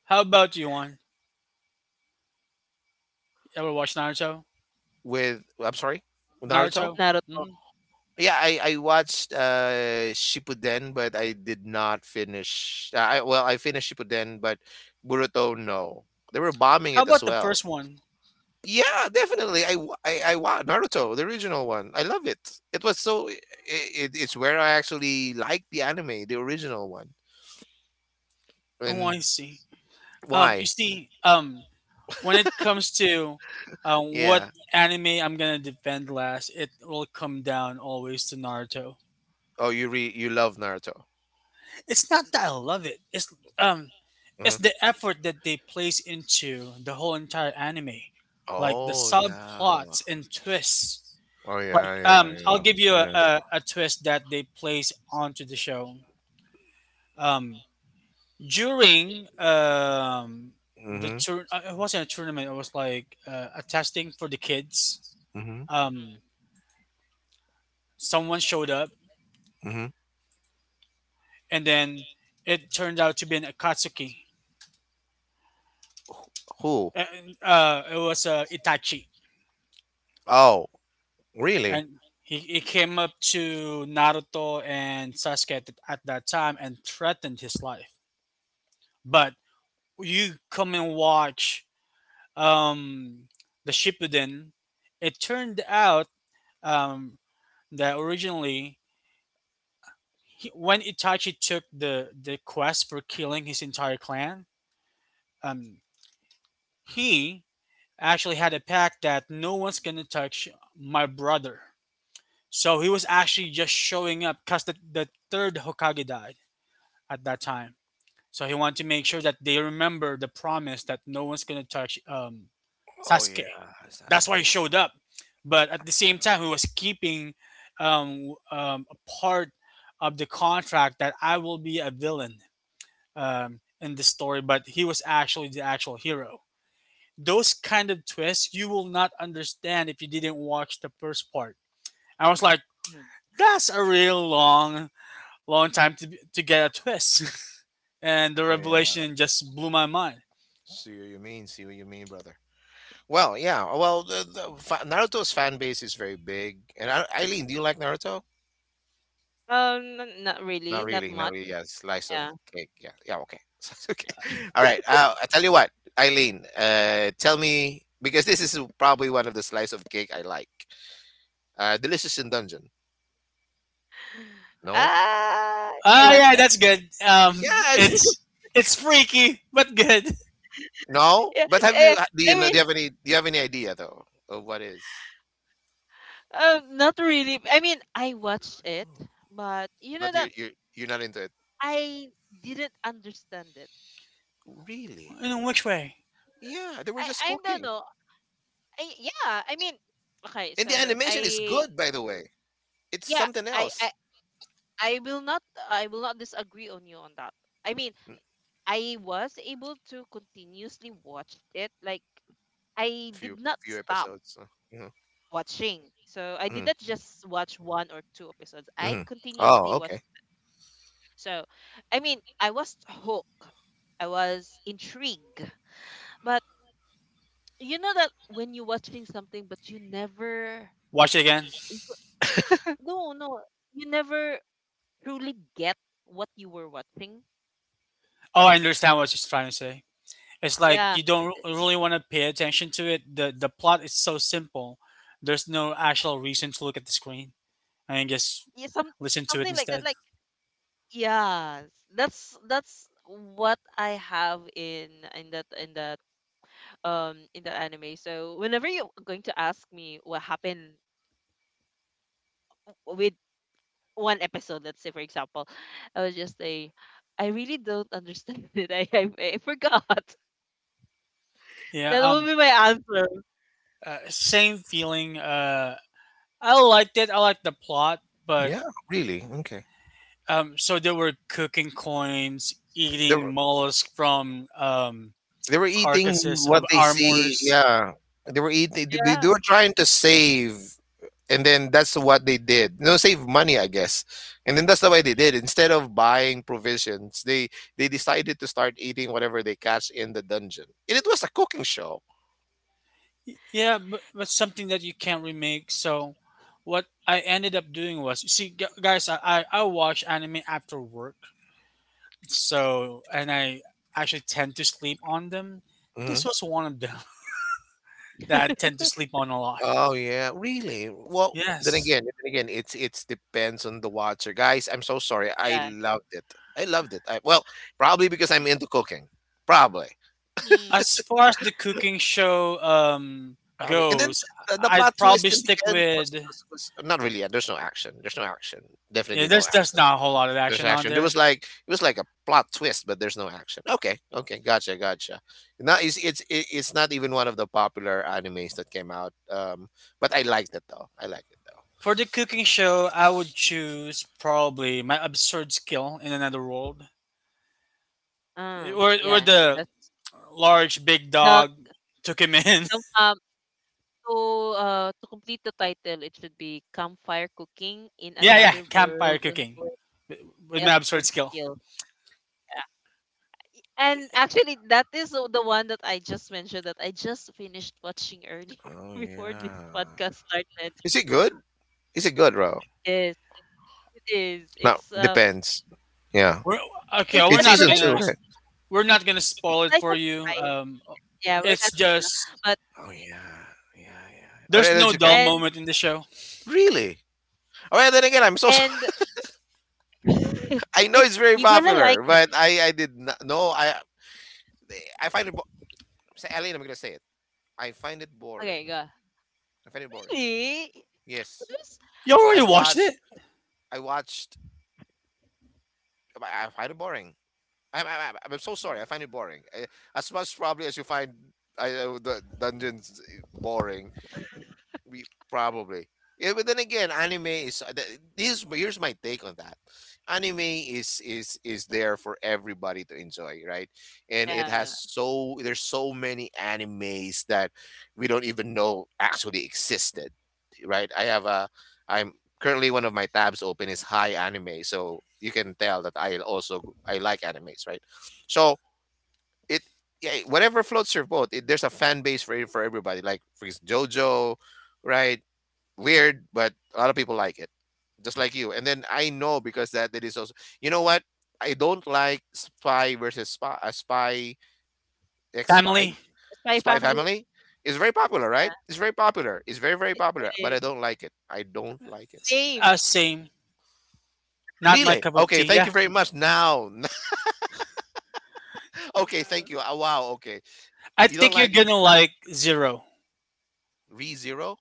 [SPEAKER 2] How about you, one? Ever watch Naruto?
[SPEAKER 3] With I'm sorry, Naruto.
[SPEAKER 2] Naruto.
[SPEAKER 1] Naruto.
[SPEAKER 2] Mm-hmm.
[SPEAKER 3] Yeah, I watched Shippuden, but I did not finish. I well, I finished Shippuden, but Boruto no. They were bombing
[SPEAKER 2] How
[SPEAKER 3] it as
[SPEAKER 2] about the
[SPEAKER 3] well.
[SPEAKER 2] first one?
[SPEAKER 3] Yeah, definitely. I wa- Naruto, the original one. I love it. It's where I actually liked the anime, the original one.
[SPEAKER 2] Oh,
[SPEAKER 3] And
[SPEAKER 2] I see. Um, you
[SPEAKER 3] why?
[SPEAKER 2] see, um, when it comes to what
[SPEAKER 3] Yeah.
[SPEAKER 2] anime I'm gonna defend last, it will come down always to Naruto.
[SPEAKER 3] Oh, you love Naruto.
[SPEAKER 2] It's not that I love it.
[SPEAKER 3] Hmm.
[SPEAKER 2] It's the effort that they place into the whole entire anime, like the
[SPEAKER 3] Oh yeah.
[SPEAKER 2] subplots and twists.
[SPEAKER 3] Oh
[SPEAKER 2] Like, I'll
[SPEAKER 3] yeah.
[SPEAKER 2] give you a,
[SPEAKER 3] Yeah.
[SPEAKER 2] a, a twist that they place onto the show. Um, during the
[SPEAKER 3] Mhm.
[SPEAKER 2] tour it wasn't a tournament, it was like a testing for the kids.
[SPEAKER 3] Mhm.
[SPEAKER 2] um Someone showed up,
[SPEAKER 3] Mhm.
[SPEAKER 2] and then it turned out to be an akatsuki,
[SPEAKER 3] Who?
[SPEAKER 2] and it was itachi,
[SPEAKER 3] Oh, Really?
[SPEAKER 2] and he came up to naruto and sasuke at, at that time and threatened his life. But you come and watch um the shippuden. It turned out um that originally he, when Itachi took the quest for killing his entire clan, um, he actually had a pact that no one's gonna touch my brother. So he was actually just showing up because the third Hokage died at that time. So he wanted to make sure that they remember the promise that no one's gonna touch
[SPEAKER 3] Oh yeah,
[SPEAKER 2] Sasuke.
[SPEAKER 3] I was
[SPEAKER 2] That's why he
[SPEAKER 3] asking.
[SPEAKER 2] showed up. But at the same time, he was keeping a part of the contract that I will be a villain in the story, but he was actually the actual hero. Those kind of twists you will not understand if you didn't watch the first part. I was like,
[SPEAKER 1] Mhm.
[SPEAKER 2] that's a real long, long time to, to get a twist. And the
[SPEAKER 3] Oh yeah.
[SPEAKER 2] revelation just blew my mind.
[SPEAKER 3] See what you mean. See what you mean, brother. Well, yeah. Well, Naruto's fan base is very big. And I, Eileen, do you like Naruto?
[SPEAKER 1] N- not really,
[SPEAKER 3] Not
[SPEAKER 1] not
[SPEAKER 3] really. Not
[SPEAKER 1] much.
[SPEAKER 3] really. Yeah, slice of
[SPEAKER 1] Yeah.
[SPEAKER 3] cake. Yeah. Yeah. Okay. okay. All right. I tell you what, Eileen. Tell me because this is probably one of the slice of cake I like. Delicious in Dungeon. No.
[SPEAKER 1] Ah, I
[SPEAKER 2] Ah,
[SPEAKER 1] watched
[SPEAKER 2] yeah,
[SPEAKER 1] that.
[SPEAKER 2] that's good.
[SPEAKER 3] Yeah, it's
[SPEAKER 2] It's freaky, but good.
[SPEAKER 3] no.
[SPEAKER 1] Yeah,
[SPEAKER 3] But have you?
[SPEAKER 1] eh,
[SPEAKER 3] Do you
[SPEAKER 1] I
[SPEAKER 3] know? Do
[SPEAKER 1] mean,
[SPEAKER 3] you have any? Do you have any idea though of what is?
[SPEAKER 1] not really. I mean, I watched it, but you know
[SPEAKER 3] But
[SPEAKER 1] that
[SPEAKER 3] you're not into it.
[SPEAKER 1] I didn't understand it.
[SPEAKER 3] Really?
[SPEAKER 2] In which way?
[SPEAKER 3] Yeah, they were just
[SPEAKER 1] I don't
[SPEAKER 3] cooking.
[SPEAKER 1] know. I, yeah, I mean, okay,
[SPEAKER 3] And the
[SPEAKER 1] so
[SPEAKER 3] animation is
[SPEAKER 1] I
[SPEAKER 3] good, by the way. It's
[SPEAKER 1] yeah,
[SPEAKER 3] something
[SPEAKER 1] I
[SPEAKER 3] else.
[SPEAKER 1] I I will not disagree on you on that. I mean,
[SPEAKER 3] Mm,
[SPEAKER 1] I was able to continuously watch it. Like I did not
[SPEAKER 3] Few
[SPEAKER 1] stop
[SPEAKER 3] episodes.
[SPEAKER 1] watching. So I
[SPEAKER 3] Mm-hmm.
[SPEAKER 1] did not just watch one or two episodes. I
[SPEAKER 3] Mm-hmm. Oh,
[SPEAKER 1] continuously watched.
[SPEAKER 3] okay.
[SPEAKER 1] So I mean, I was hooked. I was intrigued. But you know that when you're watching something but you never
[SPEAKER 2] Watch it again.
[SPEAKER 1] you- no you never truly get what you were watching.
[SPEAKER 2] Oh, I understand what she's trying to say. It's like
[SPEAKER 1] Yeah,
[SPEAKER 2] you don't really want to pay attention to it. The plot is so simple. There's no actual reason to look at the screen. I can just
[SPEAKER 1] yeah some
[SPEAKER 2] listen to it
[SPEAKER 1] something like that.
[SPEAKER 2] instead.
[SPEAKER 1] Like yeah, that's what I have in that anime. So whenever you're going to ask me what happened with one episode, let's say for example, I would just say I really don't understand it. I forgot.
[SPEAKER 2] Yeah.
[SPEAKER 1] That will be my answer.
[SPEAKER 2] Same feeling. I liked it. I liked the plot, but
[SPEAKER 3] Yeah, really. Okay.
[SPEAKER 2] um. So they were cooking coins,
[SPEAKER 3] They
[SPEAKER 2] eating
[SPEAKER 3] were
[SPEAKER 2] mollusk from
[SPEAKER 3] they were eating
[SPEAKER 2] carcasses
[SPEAKER 3] what
[SPEAKER 2] of
[SPEAKER 3] they see.
[SPEAKER 2] armors.
[SPEAKER 3] Yeah, they were eating.
[SPEAKER 1] Yeah.
[SPEAKER 3] They were trying to save and then that's what they did. You know, save money, I guess. And then that's the way they did. Instead of buying provisions, they decided to start eating whatever they catch in the dungeon. And it was a cooking show.
[SPEAKER 2] Yeah, but something that you can't remake. So what I ended up doing was, you see, guys, I watch anime after work. So, and I actually tend to sleep on them. This
[SPEAKER 3] Hmm.
[SPEAKER 2] was one of them that I tend to sleep on a lot.
[SPEAKER 3] Oh yeah, really? Well,
[SPEAKER 2] Yes.
[SPEAKER 3] then again, it's depends on the watcher, guys. I'm so sorry. I
[SPEAKER 1] Yeah.
[SPEAKER 3] loved it. I loved it. I, well, probably because I'm into cooking. Probably.
[SPEAKER 1] Hmm.
[SPEAKER 2] As far as the cooking show
[SPEAKER 3] Probably. And then
[SPEAKER 2] goes,
[SPEAKER 3] the
[SPEAKER 2] I'd
[SPEAKER 3] plot
[SPEAKER 2] probably
[SPEAKER 3] twist in
[SPEAKER 2] stick
[SPEAKER 3] the end
[SPEAKER 2] with
[SPEAKER 3] was not really. There's no action. There's no action. Definitely
[SPEAKER 2] yeah,
[SPEAKER 3] no
[SPEAKER 2] there's
[SPEAKER 3] action.
[SPEAKER 2] not a whole lot of
[SPEAKER 3] There's
[SPEAKER 2] action on
[SPEAKER 3] action. There was
[SPEAKER 2] there.
[SPEAKER 3] like it was like a plot twist, but there's no action. Gotcha. Not it's not even one of the popular animes that came out. But I liked it though. I liked it though.
[SPEAKER 2] For the cooking show, I would choose probably my absurd skill in another world.
[SPEAKER 1] Uh,
[SPEAKER 2] Or
[SPEAKER 1] yeah,
[SPEAKER 2] the
[SPEAKER 1] that's.
[SPEAKER 2] large big
[SPEAKER 1] The
[SPEAKER 2] dog took him in.
[SPEAKER 1] com to, to complete the title, it should be Campfire Cooking in
[SPEAKER 2] Yeah, yeah,
[SPEAKER 1] Another
[SPEAKER 2] campfire
[SPEAKER 1] World
[SPEAKER 2] cooking
[SPEAKER 1] or
[SPEAKER 2] with my absurd
[SPEAKER 1] Self
[SPEAKER 2] skill.
[SPEAKER 1] Skill. Yeah. And actually, that is the one that I just mentioned that I just finished watching earlier
[SPEAKER 3] Oh
[SPEAKER 1] before this
[SPEAKER 3] yeah.
[SPEAKER 1] podcast started.
[SPEAKER 3] Is it good? Is it good, bro?
[SPEAKER 1] Yes, it is.
[SPEAKER 3] No, depends. Yeah.
[SPEAKER 2] We're okay.
[SPEAKER 1] It's
[SPEAKER 2] We're
[SPEAKER 3] It's
[SPEAKER 2] not
[SPEAKER 3] season two,
[SPEAKER 2] gonna.
[SPEAKER 1] a
[SPEAKER 3] right?
[SPEAKER 2] We're not gonna spoil it
[SPEAKER 1] slice
[SPEAKER 2] for
[SPEAKER 1] of
[SPEAKER 2] you.
[SPEAKER 1] pie. Yeah, we're
[SPEAKER 2] It's
[SPEAKER 1] not gonna.
[SPEAKER 2] just
[SPEAKER 1] But
[SPEAKER 3] Oh yeah, yeah. All
[SPEAKER 2] there's
[SPEAKER 3] right,
[SPEAKER 2] no
[SPEAKER 3] that's okay.
[SPEAKER 2] dull
[SPEAKER 1] and
[SPEAKER 2] moment in the show.
[SPEAKER 3] Really? All right, then again, I'm so sorry.
[SPEAKER 1] and
[SPEAKER 3] I know
[SPEAKER 1] it's
[SPEAKER 3] it's very
[SPEAKER 1] you're gonna like
[SPEAKER 3] popular,
[SPEAKER 1] it.
[SPEAKER 3] but I did not know. I find it. Say, Aline, I'm gonna say it. I find it
[SPEAKER 1] Okay,
[SPEAKER 3] boring.
[SPEAKER 1] go.
[SPEAKER 3] I find it boring.
[SPEAKER 1] Really? It
[SPEAKER 3] Yes,
[SPEAKER 1] was.
[SPEAKER 2] You
[SPEAKER 3] I
[SPEAKER 2] already watched it,
[SPEAKER 3] watched. I watched. I find it boring. I'm so sorry. I find it boring. As much probably as you find the dungeons boring. We probably. Yeah, but then again, anime is this. Here's my take on that. Anime is is there for everybody to enjoy, right? And it has
[SPEAKER 1] Yeah.
[SPEAKER 3] so there's so many animes that we don't even know actually existed, right? I have a I'm currently one of my tabs open is high anime, so you can tell that I also I like animes, right? So it yeah, whatever floats your boat. There's a fan base for for everybody. Like for JoJo, right? Weird, but a lot of people like it, just like you. And then I know because that is also. You know what? I don't like Spy versus Spy, X Spy,
[SPEAKER 2] Family.
[SPEAKER 1] Spy
[SPEAKER 3] Spy
[SPEAKER 1] Family.
[SPEAKER 3] Family. It's very popular, right?
[SPEAKER 1] Yeah.
[SPEAKER 3] It's very popular. It's very
[SPEAKER 1] It
[SPEAKER 3] popular, but
[SPEAKER 1] is.
[SPEAKER 3] I don't like it. I don't like it.
[SPEAKER 1] Same.
[SPEAKER 2] Same. Not my
[SPEAKER 3] Really?
[SPEAKER 2] cup of
[SPEAKER 3] Okay.
[SPEAKER 2] tea.
[SPEAKER 3] Thank
[SPEAKER 2] Yeah,
[SPEAKER 3] you very much. Now, okay. Thank you. Wow. Okay.
[SPEAKER 2] I
[SPEAKER 3] You don't
[SPEAKER 2] think you're
[SPEAKER 3] like it?
[SPEAKER 2] gonna like Zero.
[SPEAKER 3] Re Zero?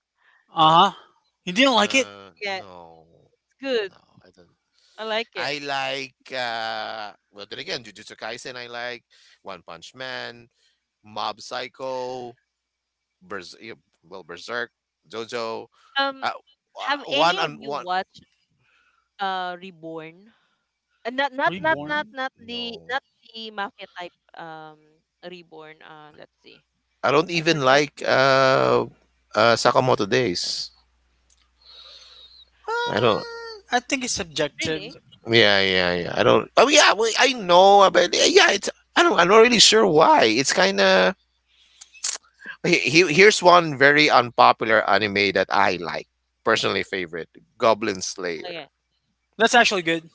[SPEAKER 3] No.
[SPEAKER 2] Uh huh. You didn't like it?
[SPEAKER 3] Uh,
[SPEAKER 1] Yeah, it's
[SPEAKER 3] no.
[SPEAKER 1] good.
[SPEAKER 3] No, I don't.
[SPEAKER 1] I like it.
[SPEAKER 3] I like well then again, Jujutsu Kaisen I like, One Punch Man, Mob Psycho, Berz yeah, well Berserk, JoJo.
[SPEAKER 1] Um,
[SPEAKER 3] Uh,
[SPEAKER 1] have any
[SPEAKER 3] one
[SPEAKER 1] of
[SPEAKER 3] on
[SPEAKER 1] you
[SPEAKER 3] one.
[SPEAKER 1] watched Reborn? Not not not
[SPEAKER 3] Mm,
[SPEAKER 1] not
[SPEAKER 2] Reborn.
[SPEAKER 1] not the
[SPEAKER 3] no.
[SPEAKER 1] not the mafia type. Um, Reborn. Let's see.
[SPEAKER 3] I don't
[SPEAKER 1] I
[SPEAKER 3] even
[SPEAKER 1] forgot.
[SPEAKER 3] like Sakamoto Days. I don't.
[SPEAKER 2] I think it's subjective.
[SPEAKER 1] Really?
[SPEAKER 3] Yeah, yeah, yeah. I don't. Oh, yeah. Well, I know, but yeah, it's. I don't. I'm not really sure why. It's kind of. Here's one very unpopular anime that I like, personally favorite, Goblin Slayer.
[SPEAKER 1] Okay.
[SPEAKER 2] That's actually good.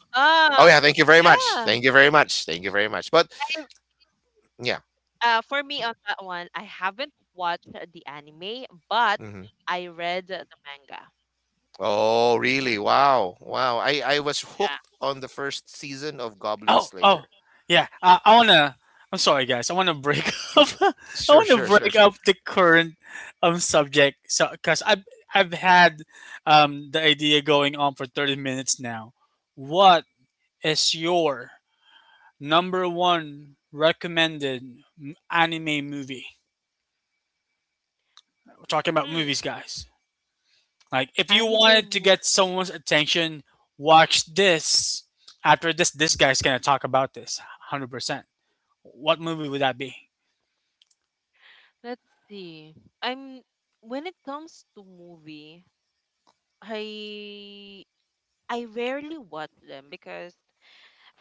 [SPEAKER 3] Oh
[SPEAKER 1] Ah,
[SPEAKER 3] yeah, thank you very much.
[SPEAKER 1] yeah.
[SPEAKER 3] Thank you very much. Thank you very much. But yeah.
[SPEAKER 1] Uh, for me on that one, I haven't watched the anime, but
[SPEAKER 3] Hmm.
[SPEAKER 1] I read the manga.
[SPEAKER 3] Oh really? Wow. Wow. I was
[SPEAKER 1] Yeah.
[SPEAKER 3] hooked on the first season of Goblin
[SPEAKER 2] Oh, oh,
[SPEAKER 3] Slayer.
[SPEAKER 2] yeah.
[SPEAKER 3] Yeah.
[SPEAKER 2] I wanna. I'm sorry, guys. I wanna break up. I
[SPEAKER 3] Sure,
[SPEAKER 2] wanna
[SPEAKER 3] sure, sure,
[SPEAKER 2] break
[SPEAKER 3] sure.
[SPEAKER 2] up the current subject. So, cause I've had the idea going on for 30 minutes now. What is your number one recommended anime movie? We're talking about
[SPEAKER 1] Hmm.
[SPEAKER 2] movies, guys. Like, if you
[SPEAKER 1] Anime
[SPEAKER 2] wanted to
[SPEAKER 1] movie.
[SPEAKER 2] get someone's attention, watch this. After this, this guy's gonna talk about this 100%. What movie would that be?
[SPEAKER 1] Let's see. I'm When it comes to movie. I I rarely watch them because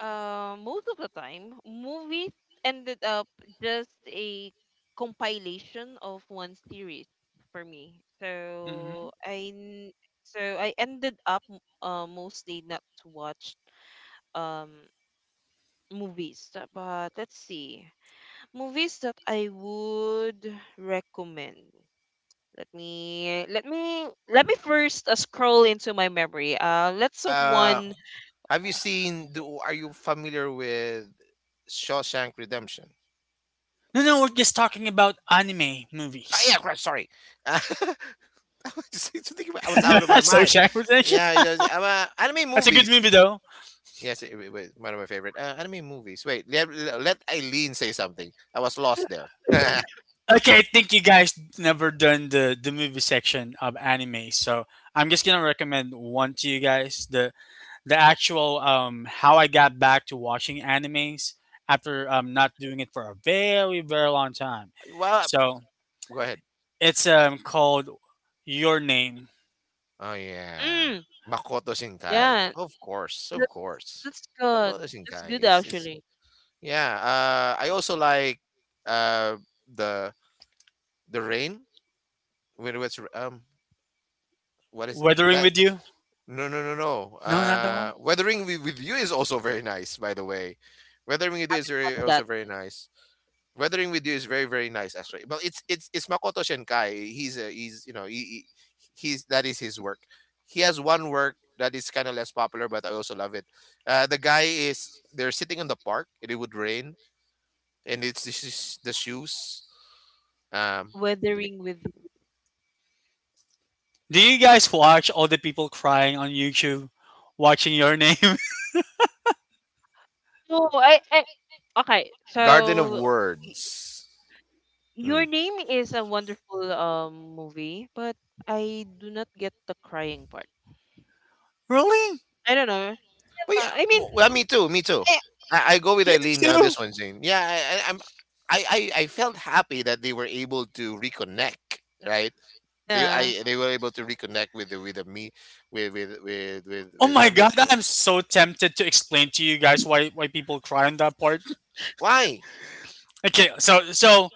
[SPEAKER 1] most of the time movies ended up just a compilation of one series for me. So
[SPEAKER 2] Hmm.
[SPEAKER 1] I n- so I ended up mostly not to watch um movies. But let's see movies that I would recommend. Let me let me first scroll into my memory. Let's
[SPEAKER 3] Uh,
[SPEAKER 1] one.
[SPEAKER 3] have you seen? Do Are you familiar with Shawshank Redemption?
[SPEAKER 2] No, no, we're just talking about anime
[SPEAKER 3] Ah,
[SPEAKER 2] movies.
[SPEAKER 3] yeah, sorry. I I was out of my
[SPEAKER 2] So
[SPEAKER 3] mind.
[SPEAKER 2] Redemption.
[SPEAKER 3] Yeah, it was, anime
[SPEAKER 2] That's a good
[SPEAKER 3] movies.
[SPEAKER 2] movie though.
[SPEAKER 3] Yes, it was one of my favorite anime movies. Wait, let Eileen say something. I was lost there.
[SPEAKER 2] Okay, I think you guys never done the movie section of anime, so I'm just gonna recommend one to you guys. The actual how I got back to watching animes after not doing it for a very very long time.
[SPEAKER 3] Well,
[SPEAKER 2] So
[SPEAKER 3] go ahead.
[SPEAKER 2] it's called Your Name.
[SPEAKER 3] Oh
[SPEAKER 1] Mm,
[SPEAKER 3] yeah, Makoto Shinkai.
[SPEAKER 1] yeah,
[SPEAKER 3] Of course, of
[SPEAKER 1] that's
[SPEAKER 3] course.
[SPEAKER 1] that's good.
[SPEAKER 3] Makoto
[SPEAKER 1] That's
[SPEAKER 3] Shinkai.
[SPEAKER 1] good
[SPEAKER 3] It's
[SPEAKER 1] actually.
[SPEAKER 3] Yeah. I also like uh the the rain when it was what is
[SPEAKER 2] Weathering
[SPEAKER 3] that?
[SPEAKER 2] with you?
[SPEAKER 3] No, no, no, no.
[SPEAKER 2] No, not that one.
[SPEAKER 3] Weathering with you is also very nice. By the way, Weathering with you is very,
[SPEAKER 1] Watch that.
[SPEAKER 3] also very nice. Weathering with You is very very nice actually. Well, it's Makoto Shinkai. He's, he's, that is his work. He has one work that is kind of less popular, but I also love it. The guy is, they're sitting in the park and it would rain, and it's the shoes. Um, Give me.
[SPEAKER 1] Weathering with.
[SPEAKER 2] Do you guys watch all the people crying on YouTube watching your name?
[SPEAKER 1] No, I. Okay,
[SPEAKER 3] Garden of
[SPEAKER 1] so y-
[SPEAKER 3] Words.
[SPEAKER 1] your
[SPEAKER 3] Hmm.
[SPEAKER 1] name is a wonderful movie, but I do not get the crying part.
[SPEAKER 2] Really?
[SPEAKER 1] I don't know.
[SPEAKER 3] But yeah,
[SPEAKER 1] I mean,
[SPEAKER 3] well, me too, me too.
[SPEAKER 1] I,
[SPEAKER 3] I go with
[SPEAKER 2] You
[SPEAKER 3] Eileen,
[SPEAKER 2] too?
[SPEAKER 3] this one, Jane. Yeah, I, I'm I felt happy that they were able to reconnect, right?
[SPEAKER 1] yeah,
[SPEAKER 3] They were able to reconnect with the me
[SPEAKER 2] Oh
[SPEAKER 3] with
[SPEAKER 2] my god,
[SPEAKER 3] everything.
[SPEAKER 2] I'm so tempted to explain to you guys why people cry on that part.
[SPEAKER 3] Why?
[SPEAKER 2] Okay, so so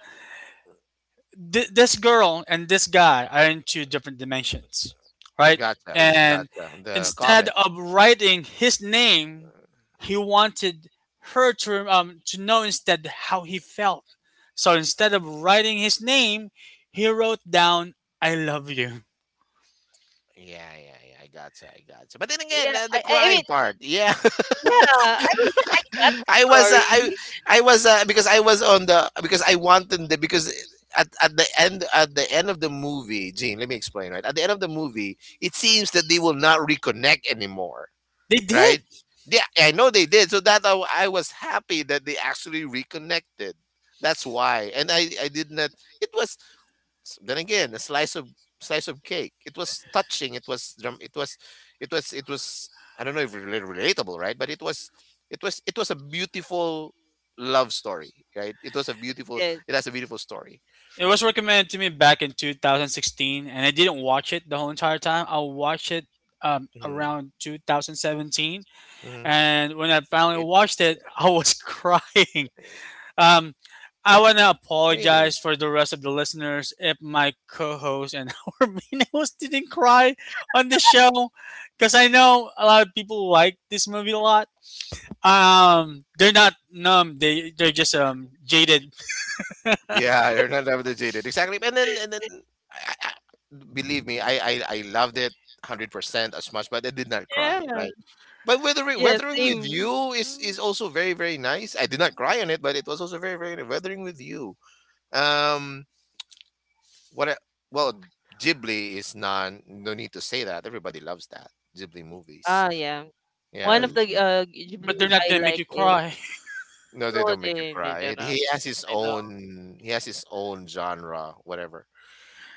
[SPEAKER 2] this girl and this guy are in two different dimensions, right?
[SPEAKER 3] Gotcha,
[SPEAKER 1] mm,
[SPEAKER 2] And
[SPEAKER 3] gotcha. The
[SPEAKER 2] instead
[SPEAKER 3] comet.
[SPEAKER 2] of writing his name, he wanted her to know instead how he felt. So instead of writing his name, he wrote down "I love you."
[SPEAKER 3] Yeah, yeah, yeah. I gotcha, I gotcha. But then
[SPEAKER 1] yeah.
[SPEAKER 3] again,
[SPEAKER 1] I,
[SPEAKER 3] the
[SPEAKER 1] I I
[SPEAKER 3] crying
[SPEAKER 1] mean,
[SPEAKER 3] part. Yeah,
[SPEAKER 1] yeah. I mean, I got the
[SPEAKER 3] I was uh, I
[SPEAKER 1] story.
[SPEAKER 3] I was, because I was on the, because I wanted the, because. At the end of the movie, Gene, let me explain, right? At the end of the movie, it seems that they will not reconnect anymore.
[SPEAKER 2] They
[SPEAKER 3] Right?
[SPEAKER 2] did.
[SPEAKER 3] Yeah, I know they did. So that I was happy that they actually reconnected. That's why. And I did not. It was, then again, a slice of cake. It was touching. It was dram- it was it was It was, I don't know if relatable, right? But it was a beautiful love story, right? It was a beautiful.
[SPEAKER 1] Yes.
[SPEAKER 3] It has a beautiful story.
[SPEAKER 2] It was recommended to me back in 2016, and I didn't watch it the whole entire time. I watched it
[SPEAKER 3] Hmm.
[SPEAKER 2] around 2017,
[SPEAKER 3] Hmm.
[SPEAKER 2] and when I finally
[SPEAKER 3] It
[SPEAKER 2] watched it,
[SPEAKER 3] Yeah,
[SPEAKER 2] I was crying. Um, I want to
[SPEAKER 3] really.
[SPEAKER 2] apologize for the rest of the listeners if my co-host and our main host didn't cry on the show, because I know a lot of people like this movie a lot. They're not numb; they're just jaded.
[SPEAKER 3] Yeah, you're not obligated. Exactly. And then, I, I, believe me, I loved it 100% as much, but I did not cry,
[SPEAKER 1] Yeah.
[SPEAKER 3] right? But weathering
[SPEAKER 1] Yeah.
[SPEAKER 3] weathering with
[SPEAKER 1] Same.
[SPEAKER 3] you is also very very nice. I did not cry on it, but it was also very very nice. Weathering with you. Um what I, well, Ghibli is non no need to say that. Everybody loves that. Ghibli movies.
[SPEAKER 1] Ah, yeah. One
[SPEAKER 3] Yeah,
[SPEAKER 2] Yeah,
[SPEAKER 1] of the
[SPEAKER 2] but they're
[SPEAKER 1] Ghibli
[SPEAKER 2] not
[SPEAKER 1] I
[SPEAKER 2] gonna make
[SPEAKER 1] like
[SPEAKER 2] you
[SPEAKER 1] is
[SPEAKER 2] cry.
[SPEAKER 3] no, they
[SPEAKER 1] no,
[SPEAKER 3] don't make you
[SPEAKER 1] they
[SPEAKER 3] cry.
[SPEAKER 1] don't know. I know.
[SPEAKER 3] He has his own genre, whatever.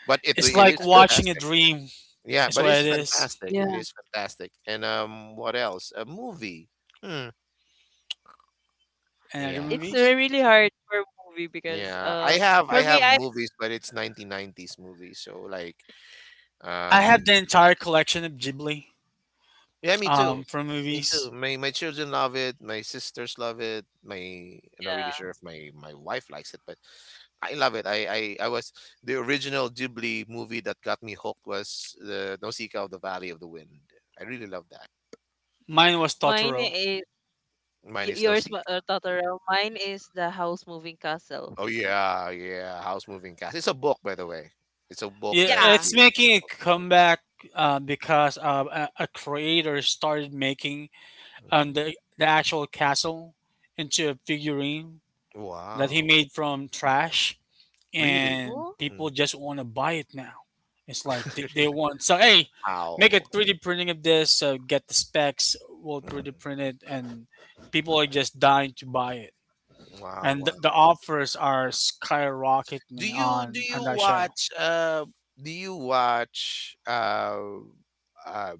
[SPEAKER 3] But it
[SPEAKER 2] It's
[SPEAKER 3] it
[SPEAKER 2] like
[SPEAKER 3] is
[SPEAKER 1] It.
[SPEAKER 2] watching a
[SPEAKER 3] fantastic.
[SPEAKER 2] dream.
[SPEAKER 3] Yeah,
[SPEAKER 2] That's
[SPEAKER 3] but
[SPEAKER 2] what
[SPEAKER 3] it's
[SPEAKER 2] it is.
[SPEAKER 3] fantastic. It
[SPEAKER 1] Yeah.
[SPEAKER 3] is fantastic. And what else? A movie. Hmm.
[SPEAKER 2] And other
[SPEAKER 3] Yeah,
[SPEAKER 1] It's
[SPEAKER 2] movies.
[SPEAKER 1] really hard for movie because
[SPEAKER 3] yeah. I have I
[SPEAKER 1] for me
[SPEAKER 3] have
[SPEAKER 1] I.
[SPEAKER 3] movies, but it's 1990s movies. So like,
[SPEAKER 2] I
[SPEAKER 3] um,
[SPEAKER 2] have the entire collection of Ghibli
[SPEAKER 3] yeah, me too.
[SPEAKER 2] from
[SPEAKER 3] Me too.
[SPEAKER 2] movies.
[SPEAKER 3] My children love it. My sisters love it. My I'm not really
[SPEAKER 1] Yeah,
[SPEAKER 3] sure if my wife likes it, but I love it. I was — the original Ghibli movie that got me hooked was the Nausicaa of the Valley of the Wind. I really love that.
[SPEAKER 2] Mine was
[SPEAKER 1] mine
[SPEAKER 2] Totoro.
[SPEAKER 1] is
[SPEAKER 3] Mine is
[SPEAKER 1] yours
[SPEAKER 3] Nausicaa.
[SPEAKER 1] Totoro, mine is the House Moving Castle.
[SPEAKER 3] Oh yeah, yeah. House Moving Castle. It's a book, by the way. It's a book
[SPEAKER 2] Yeah,
[SPEAKER 3] that
[SPEAKER 1] Yeah.
[SPEAKER 2] it's
[SPEAKER 3] it's
[SPEAKER 2] making
[SPEAKER 3] a
[SPEAKER 2] a
[SPEAKER 3] book.
[SPEAKER 2] comeback because a creator started making
[SPEAKER 3] Mhm.
[SPEAKER 2] the actual castle into a figurine that he
[SPEAKER 3] Wow.
[SPEAKER 2] made from trash.
[SPEAKER 3] Really?
[SPEAKER 2] And
[SPEAKER 1] Oh.
[SPEAKER 2] people
[SPEAKER 3] Mhm.
[SPEAKER 2] just want to buy it now. It's like
[SPEAKER 3] Really?
[SPEAKER 2] they want so hey, make a
[SPEAKER 3] Wow.
[SPEAKER 2] 3D printing of this, get the specs, we'll
[SPEAKER 3] Mhm.
[SPEAKER 2] 3D print it, and people are just dying to buy it.
[SPEAKER 3] Wow,
[SPEAKER 2] And
[SPEAKER 3] wow.
[SPEAKER 2] the offers are
[SPEAKER 3] Do
[SPEAKER 2] skyrocketing
[SPEAKER 3] you do
[SPEAKER 2] on
[SPEAKER 3] you
[SPEAKER 2] that show.
[SPEAKER 3] watch uh do you watch, um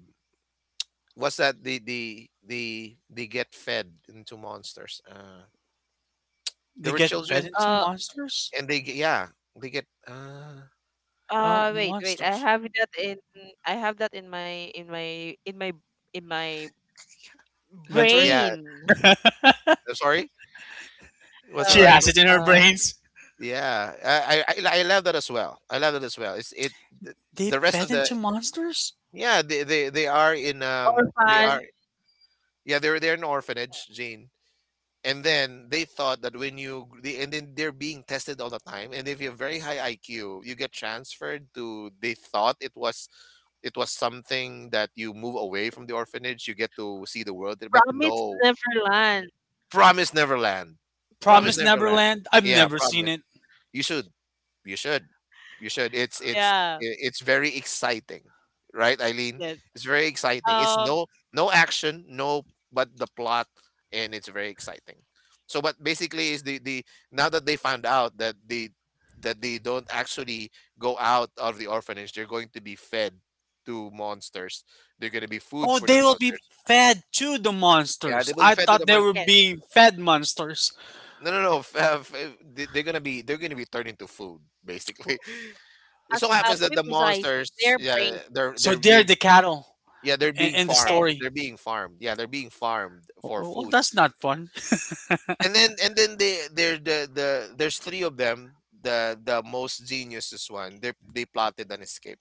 [SPEAKER 3] what's that, they get fed into monsters? There
[SPEAKER 2] They
[SPEAKER 3] were
[SPEAKER 2] get fed
[SPEAKER 3] children
[SPEAKER 2] into
[SPEAKER 1] uh
[SPEAKER 2] monsters.
[SPEAKER 3] and they get — yeah, they get
[SPEAKER 2] Oh,
[SPEAKER 1] Wait, wait, I
[SPEAKER 2] monsters!
[SPEAKER 1] have that in I have that in my in my in my in my
[SPEAKER 2] Mentary.
[SPEAKER 3] yeah,
[SPEAKER 1] brain.
[SPEAKER 3] I'm sorry. What's the
[SPEAKER 2] She
[SPEAKER 1] Wait
[SPEAKER 2] has
[SPEAKER 3] title?
[SPEAKER 2] it in her
[SPEAKER 1] uh
[SPEAKER 2] brains.
[SPEAKER 3] Yeah, I love that as well. I love that as well. Th-
[SPEAKER 2] They
[SPEAKER 3] the rest of
[SPEAKER 2] fed
[SPEAKER 3] the —
[SPEAKER 2] into monsters.
[SPEAKER 3] yeah, they are in, they
[SPEAKER 1] Orphan.
[SPEAKER 3] are, yeah, they're, in orphanage, Gene. And then they thought that, and then they're being tested all the time, and if you have very high IQ you get transferred to — they thought it was — something that you move away from the orphanage, you get to see the world, but
[SPEAKER 1] Promised
[SPEAKER 3] no.
[SPEAKER 1] Neverland.
[SPEAKER 3] Promise Neverland. Promise
[SPEAKER 2] Promise
[SPEAKER 3] Neverland,
[SPEAKER 2] Neverland. I've
[SPEAKER 3] yeah.
[SPEAKER 2] never seen
[SPEAKER 3] Promise.
[SPEAKER 2] it.
[SPEAKER 3] You should. You should. You should.
[SPEAKER 1] Yeah.
[SPEAKER 3] It's very exciting, right, Eileen?
[SPEAKER 1] Yes.
[SPEAKER 3] It's very exciting. It's —
[SPEAKER 1] Um,
[SPEAKER 3] no, no action, no — but the plot, and it's very exciting. So, but basically, is the now that they found out that, the that they don't actually go out of the orphanage, they're going to be fed to monsters. They're going to be food
[SPEAKER 2] Oh,
[SPEAKER 3] for
[SPEAKER 2] they
[SPEAKER 3] the
[SPEAKER 2] will be
[SPEAKER 3] monsters.
[SPEAKER 2] fed to the
[SPEAKER 3] Yeah, they
[SPEAKER 2] monsters.
[SPEAKER 3] will be
[SPEAKER 2] I
[SPEAKER 3] fed to the
[SPEAKER 2] thought they were
[SPEAKER 3] monsters.
[SPEAKER 1] yes.
[SPEAKER 2] being fed monsters.
[SPEAKER 3] No, no, no. They're gonna be, they're gonna be turned into food, basically. It so
[SPEAKER 1] Actu-
[SPEAKER 3] happens
[SPEAKER 1] to
[SPEAKER 3] that
[SPEAKER 1] be
[SPEAKER 3] the
[SPEAKER 1] precise,
[SPEAKER 3] monsters,
[SPEAKER 1] their brain.
[SPEAKER 3] yeah,
[SPEAKER 2] So they're
[SPEAKER 3] they're —
[SPEAKER 2] the cattle
[SPEAKER 3] yeah, they're being
[SPEAKER 2] in the
[SPEAKER 3] farmed.
[SPEAKER 1] Yes.
[SPEAKER 3] They're
[SPEAKER 2] story.
[SPEAKER 3] being farmed. Yeah, they're being farmed
[SPEAKER 2] Well,
[SPEAKER 3] for
[SPEAKER 2] well,
[SPEAKER 3] food.
[SPEAKER 2] that's not fun.
[SPEAKER 3] And then they they're the there's three of them. The most genius is one. They plotted an escape.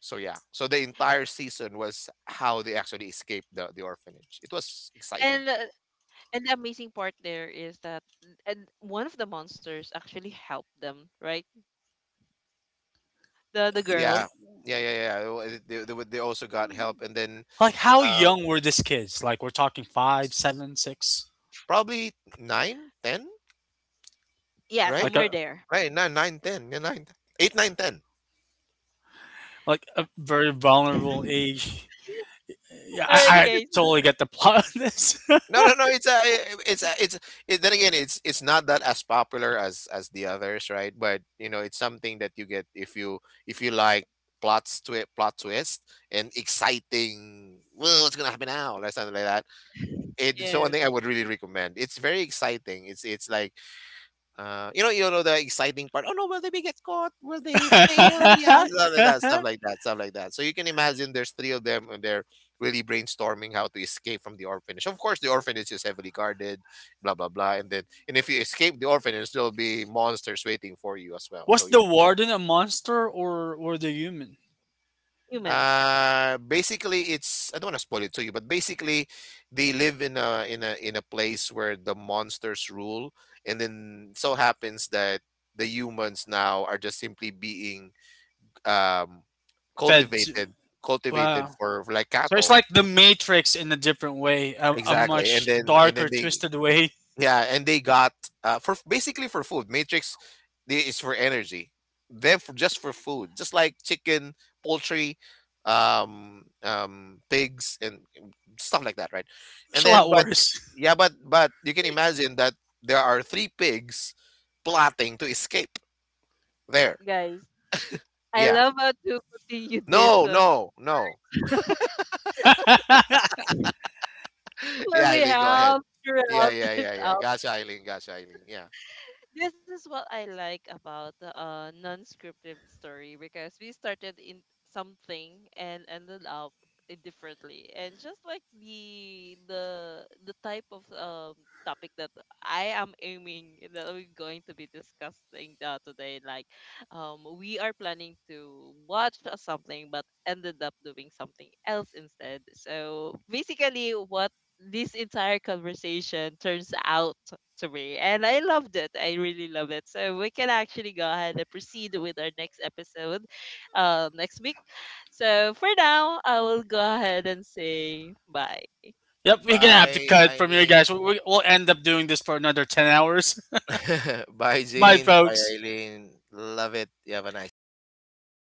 [SPEAKER 3] So yeah. So the entire season was how they actually escaped the orphanage. It was exciting.
[SPEAKER 1] And and the amazing part there is that and one of the monsters actually helped them, right? The
[SPEAKER 2] And,
[SPEAKER 3] Yeah.
[SPEAKER 1] girl.
[SPEAKER 3] Yeah, yeah, yeah. They also got help, and then —
[SPEAKER 2] like, how
[SPEAKER 3] uh,
[SPEAKER 2] young were these kids? Like, we're talking five,
[SPEAKER 3] s-
[SPEAKER 2] seven, six.
[SPEAKER 3] probably nine, ten,
[SPEAKER 1] Yeah,
[SPEAKER 3] right?
[SPEAKER 2] Like
[SPEAKER 1] somewhere
[SPEAKER 2] a
[SPEAKER 1] there.
[SPEAKER 3] Right, nine, 9, ten, yeah, 9, eight, nine, ten.
[SPEAKER 2] like a very vulnerable age. Yeah,
[SPEAKER 1] All right,
[SPEAKER 2] I
[SPEAKER 1] guys.
[SPEAKER 2] totally get the plot of this.
[SPEAKER 3] No, no, no. It's a, eh, eh, it's a, it's. It, Then again, it's not that as popular as the others, right? But, it's something that you get if you like plot twist and exciting. Well, what's gonna happen now? Or something like that. It's
[SPEAKER 1] Yes,
[SPEAKER 3] the one thing I would really recommend. It's very exciting. It's like. You know the exciting part. Oh no, will they be get caught? Will they fail? Yeah, stuff like that, stuff like that, stuff like that. So you can imagine there's three of them and they're really brainstorming how to escape from the orphanage. Of course, the orphanage is heavily guarded, blah blah blah. And then, and if you escape the orphanage, there'll be monsters waiting for you as well.
[SPEAKER 2] Was
[SPEAKER 3] So.
[SPEAKER 2] the warden a monster or were they human?
[SPEAKER 1] humans,
[SPEAKER 3] Basically, it's — I don't want to spoil it to you, but basically, they live in a in a in a place where the monsters rule, and then so happens that the humans now are just simply being, um
[SPEAKER 2] Fed
[SPEAKER 3] cultivated
[SPEAKER 2] to,
[SPEAKER 3] cultivated
[SPEAKER 2] wow.
[SPEAKER 3] for, like,
[SPEAKER 2] So it's
[SPEAKER 3] cattle.
[SPEAKER 2] like the Matrix in a different way, a
[SPEAKER 3] Exactly,
[SPEAKER 2] much
[SPEAKER 3] and
[SPEAKER 2] darker,
[SPEAKER 3] then they
[SPEAKER 2] twisted way.
[SPEAKER 3] yeah, and they got, for basically for food. Matrix, is for energy. Them for just for food, just like chicken, poultry, pigs, and, stuff like that, right?
[SPEAKER 2] It's
[SPEAKER 3] And
[SPEAKER 2] a
[SPEAKER 3] then,
[SPEAKER 2] lot
[SPEAKER 3] but
[SPEAKER 2] worse.
[SPEAKER 3] yeah, but you can imagine that there are three pigs plotting to escape there.
[SPEAKER 1] guys. I
[SPEAKER 3] Yeah.
[SPEAKER 1] love how to continue this.
[SPEAKER 3] No, no, no. Yeah,
[SPEAKER 1] We
[SPEAKER 3] Eileen, go ahead.
[SPEAKER 1] have
[SPEAKER 3] Yeah,
[SPEAKER 1] throughout
[SPEAKER 3] yeah,
[SPEAKER 1] this
[SPEAKER 3] yeah, yeah.
[SPEAKER 1] hour.
[SPEAKER 3] Gotcha, Eileen. Gotcha, Eileen. Yeah.
[SPEAKER 1] This is what I like about the non-scripted story, because we started in something and ended up in differently, and just like the type of topic that I am aiming that we're going to be discussing today. Like we are planning to watch something but ended up doing something else instead. So basically what this entire conversation turns out to me. And I loved it. I really love it. So we can actually go ahead and proceed with our next episode next week. So for now, I will go ahead and say bye.
[SPEAKER 2] Yep, we're gonna have to
[SPEAKER 3] Bye,
[SPEAKER 2] cut from here,
[SPEAKER 3] Eileen.
[SPEAKER 2] guys. We'll end up doing this for another 10 hours.
[SPEAKER 3] Bye,
[SPEAKER 2] Bye,
[SPEAKER 3] Jane. Bye,
[SPEAKER 2] folks.
[SPEAKER 3] Eileen. Love it. You have a nice day.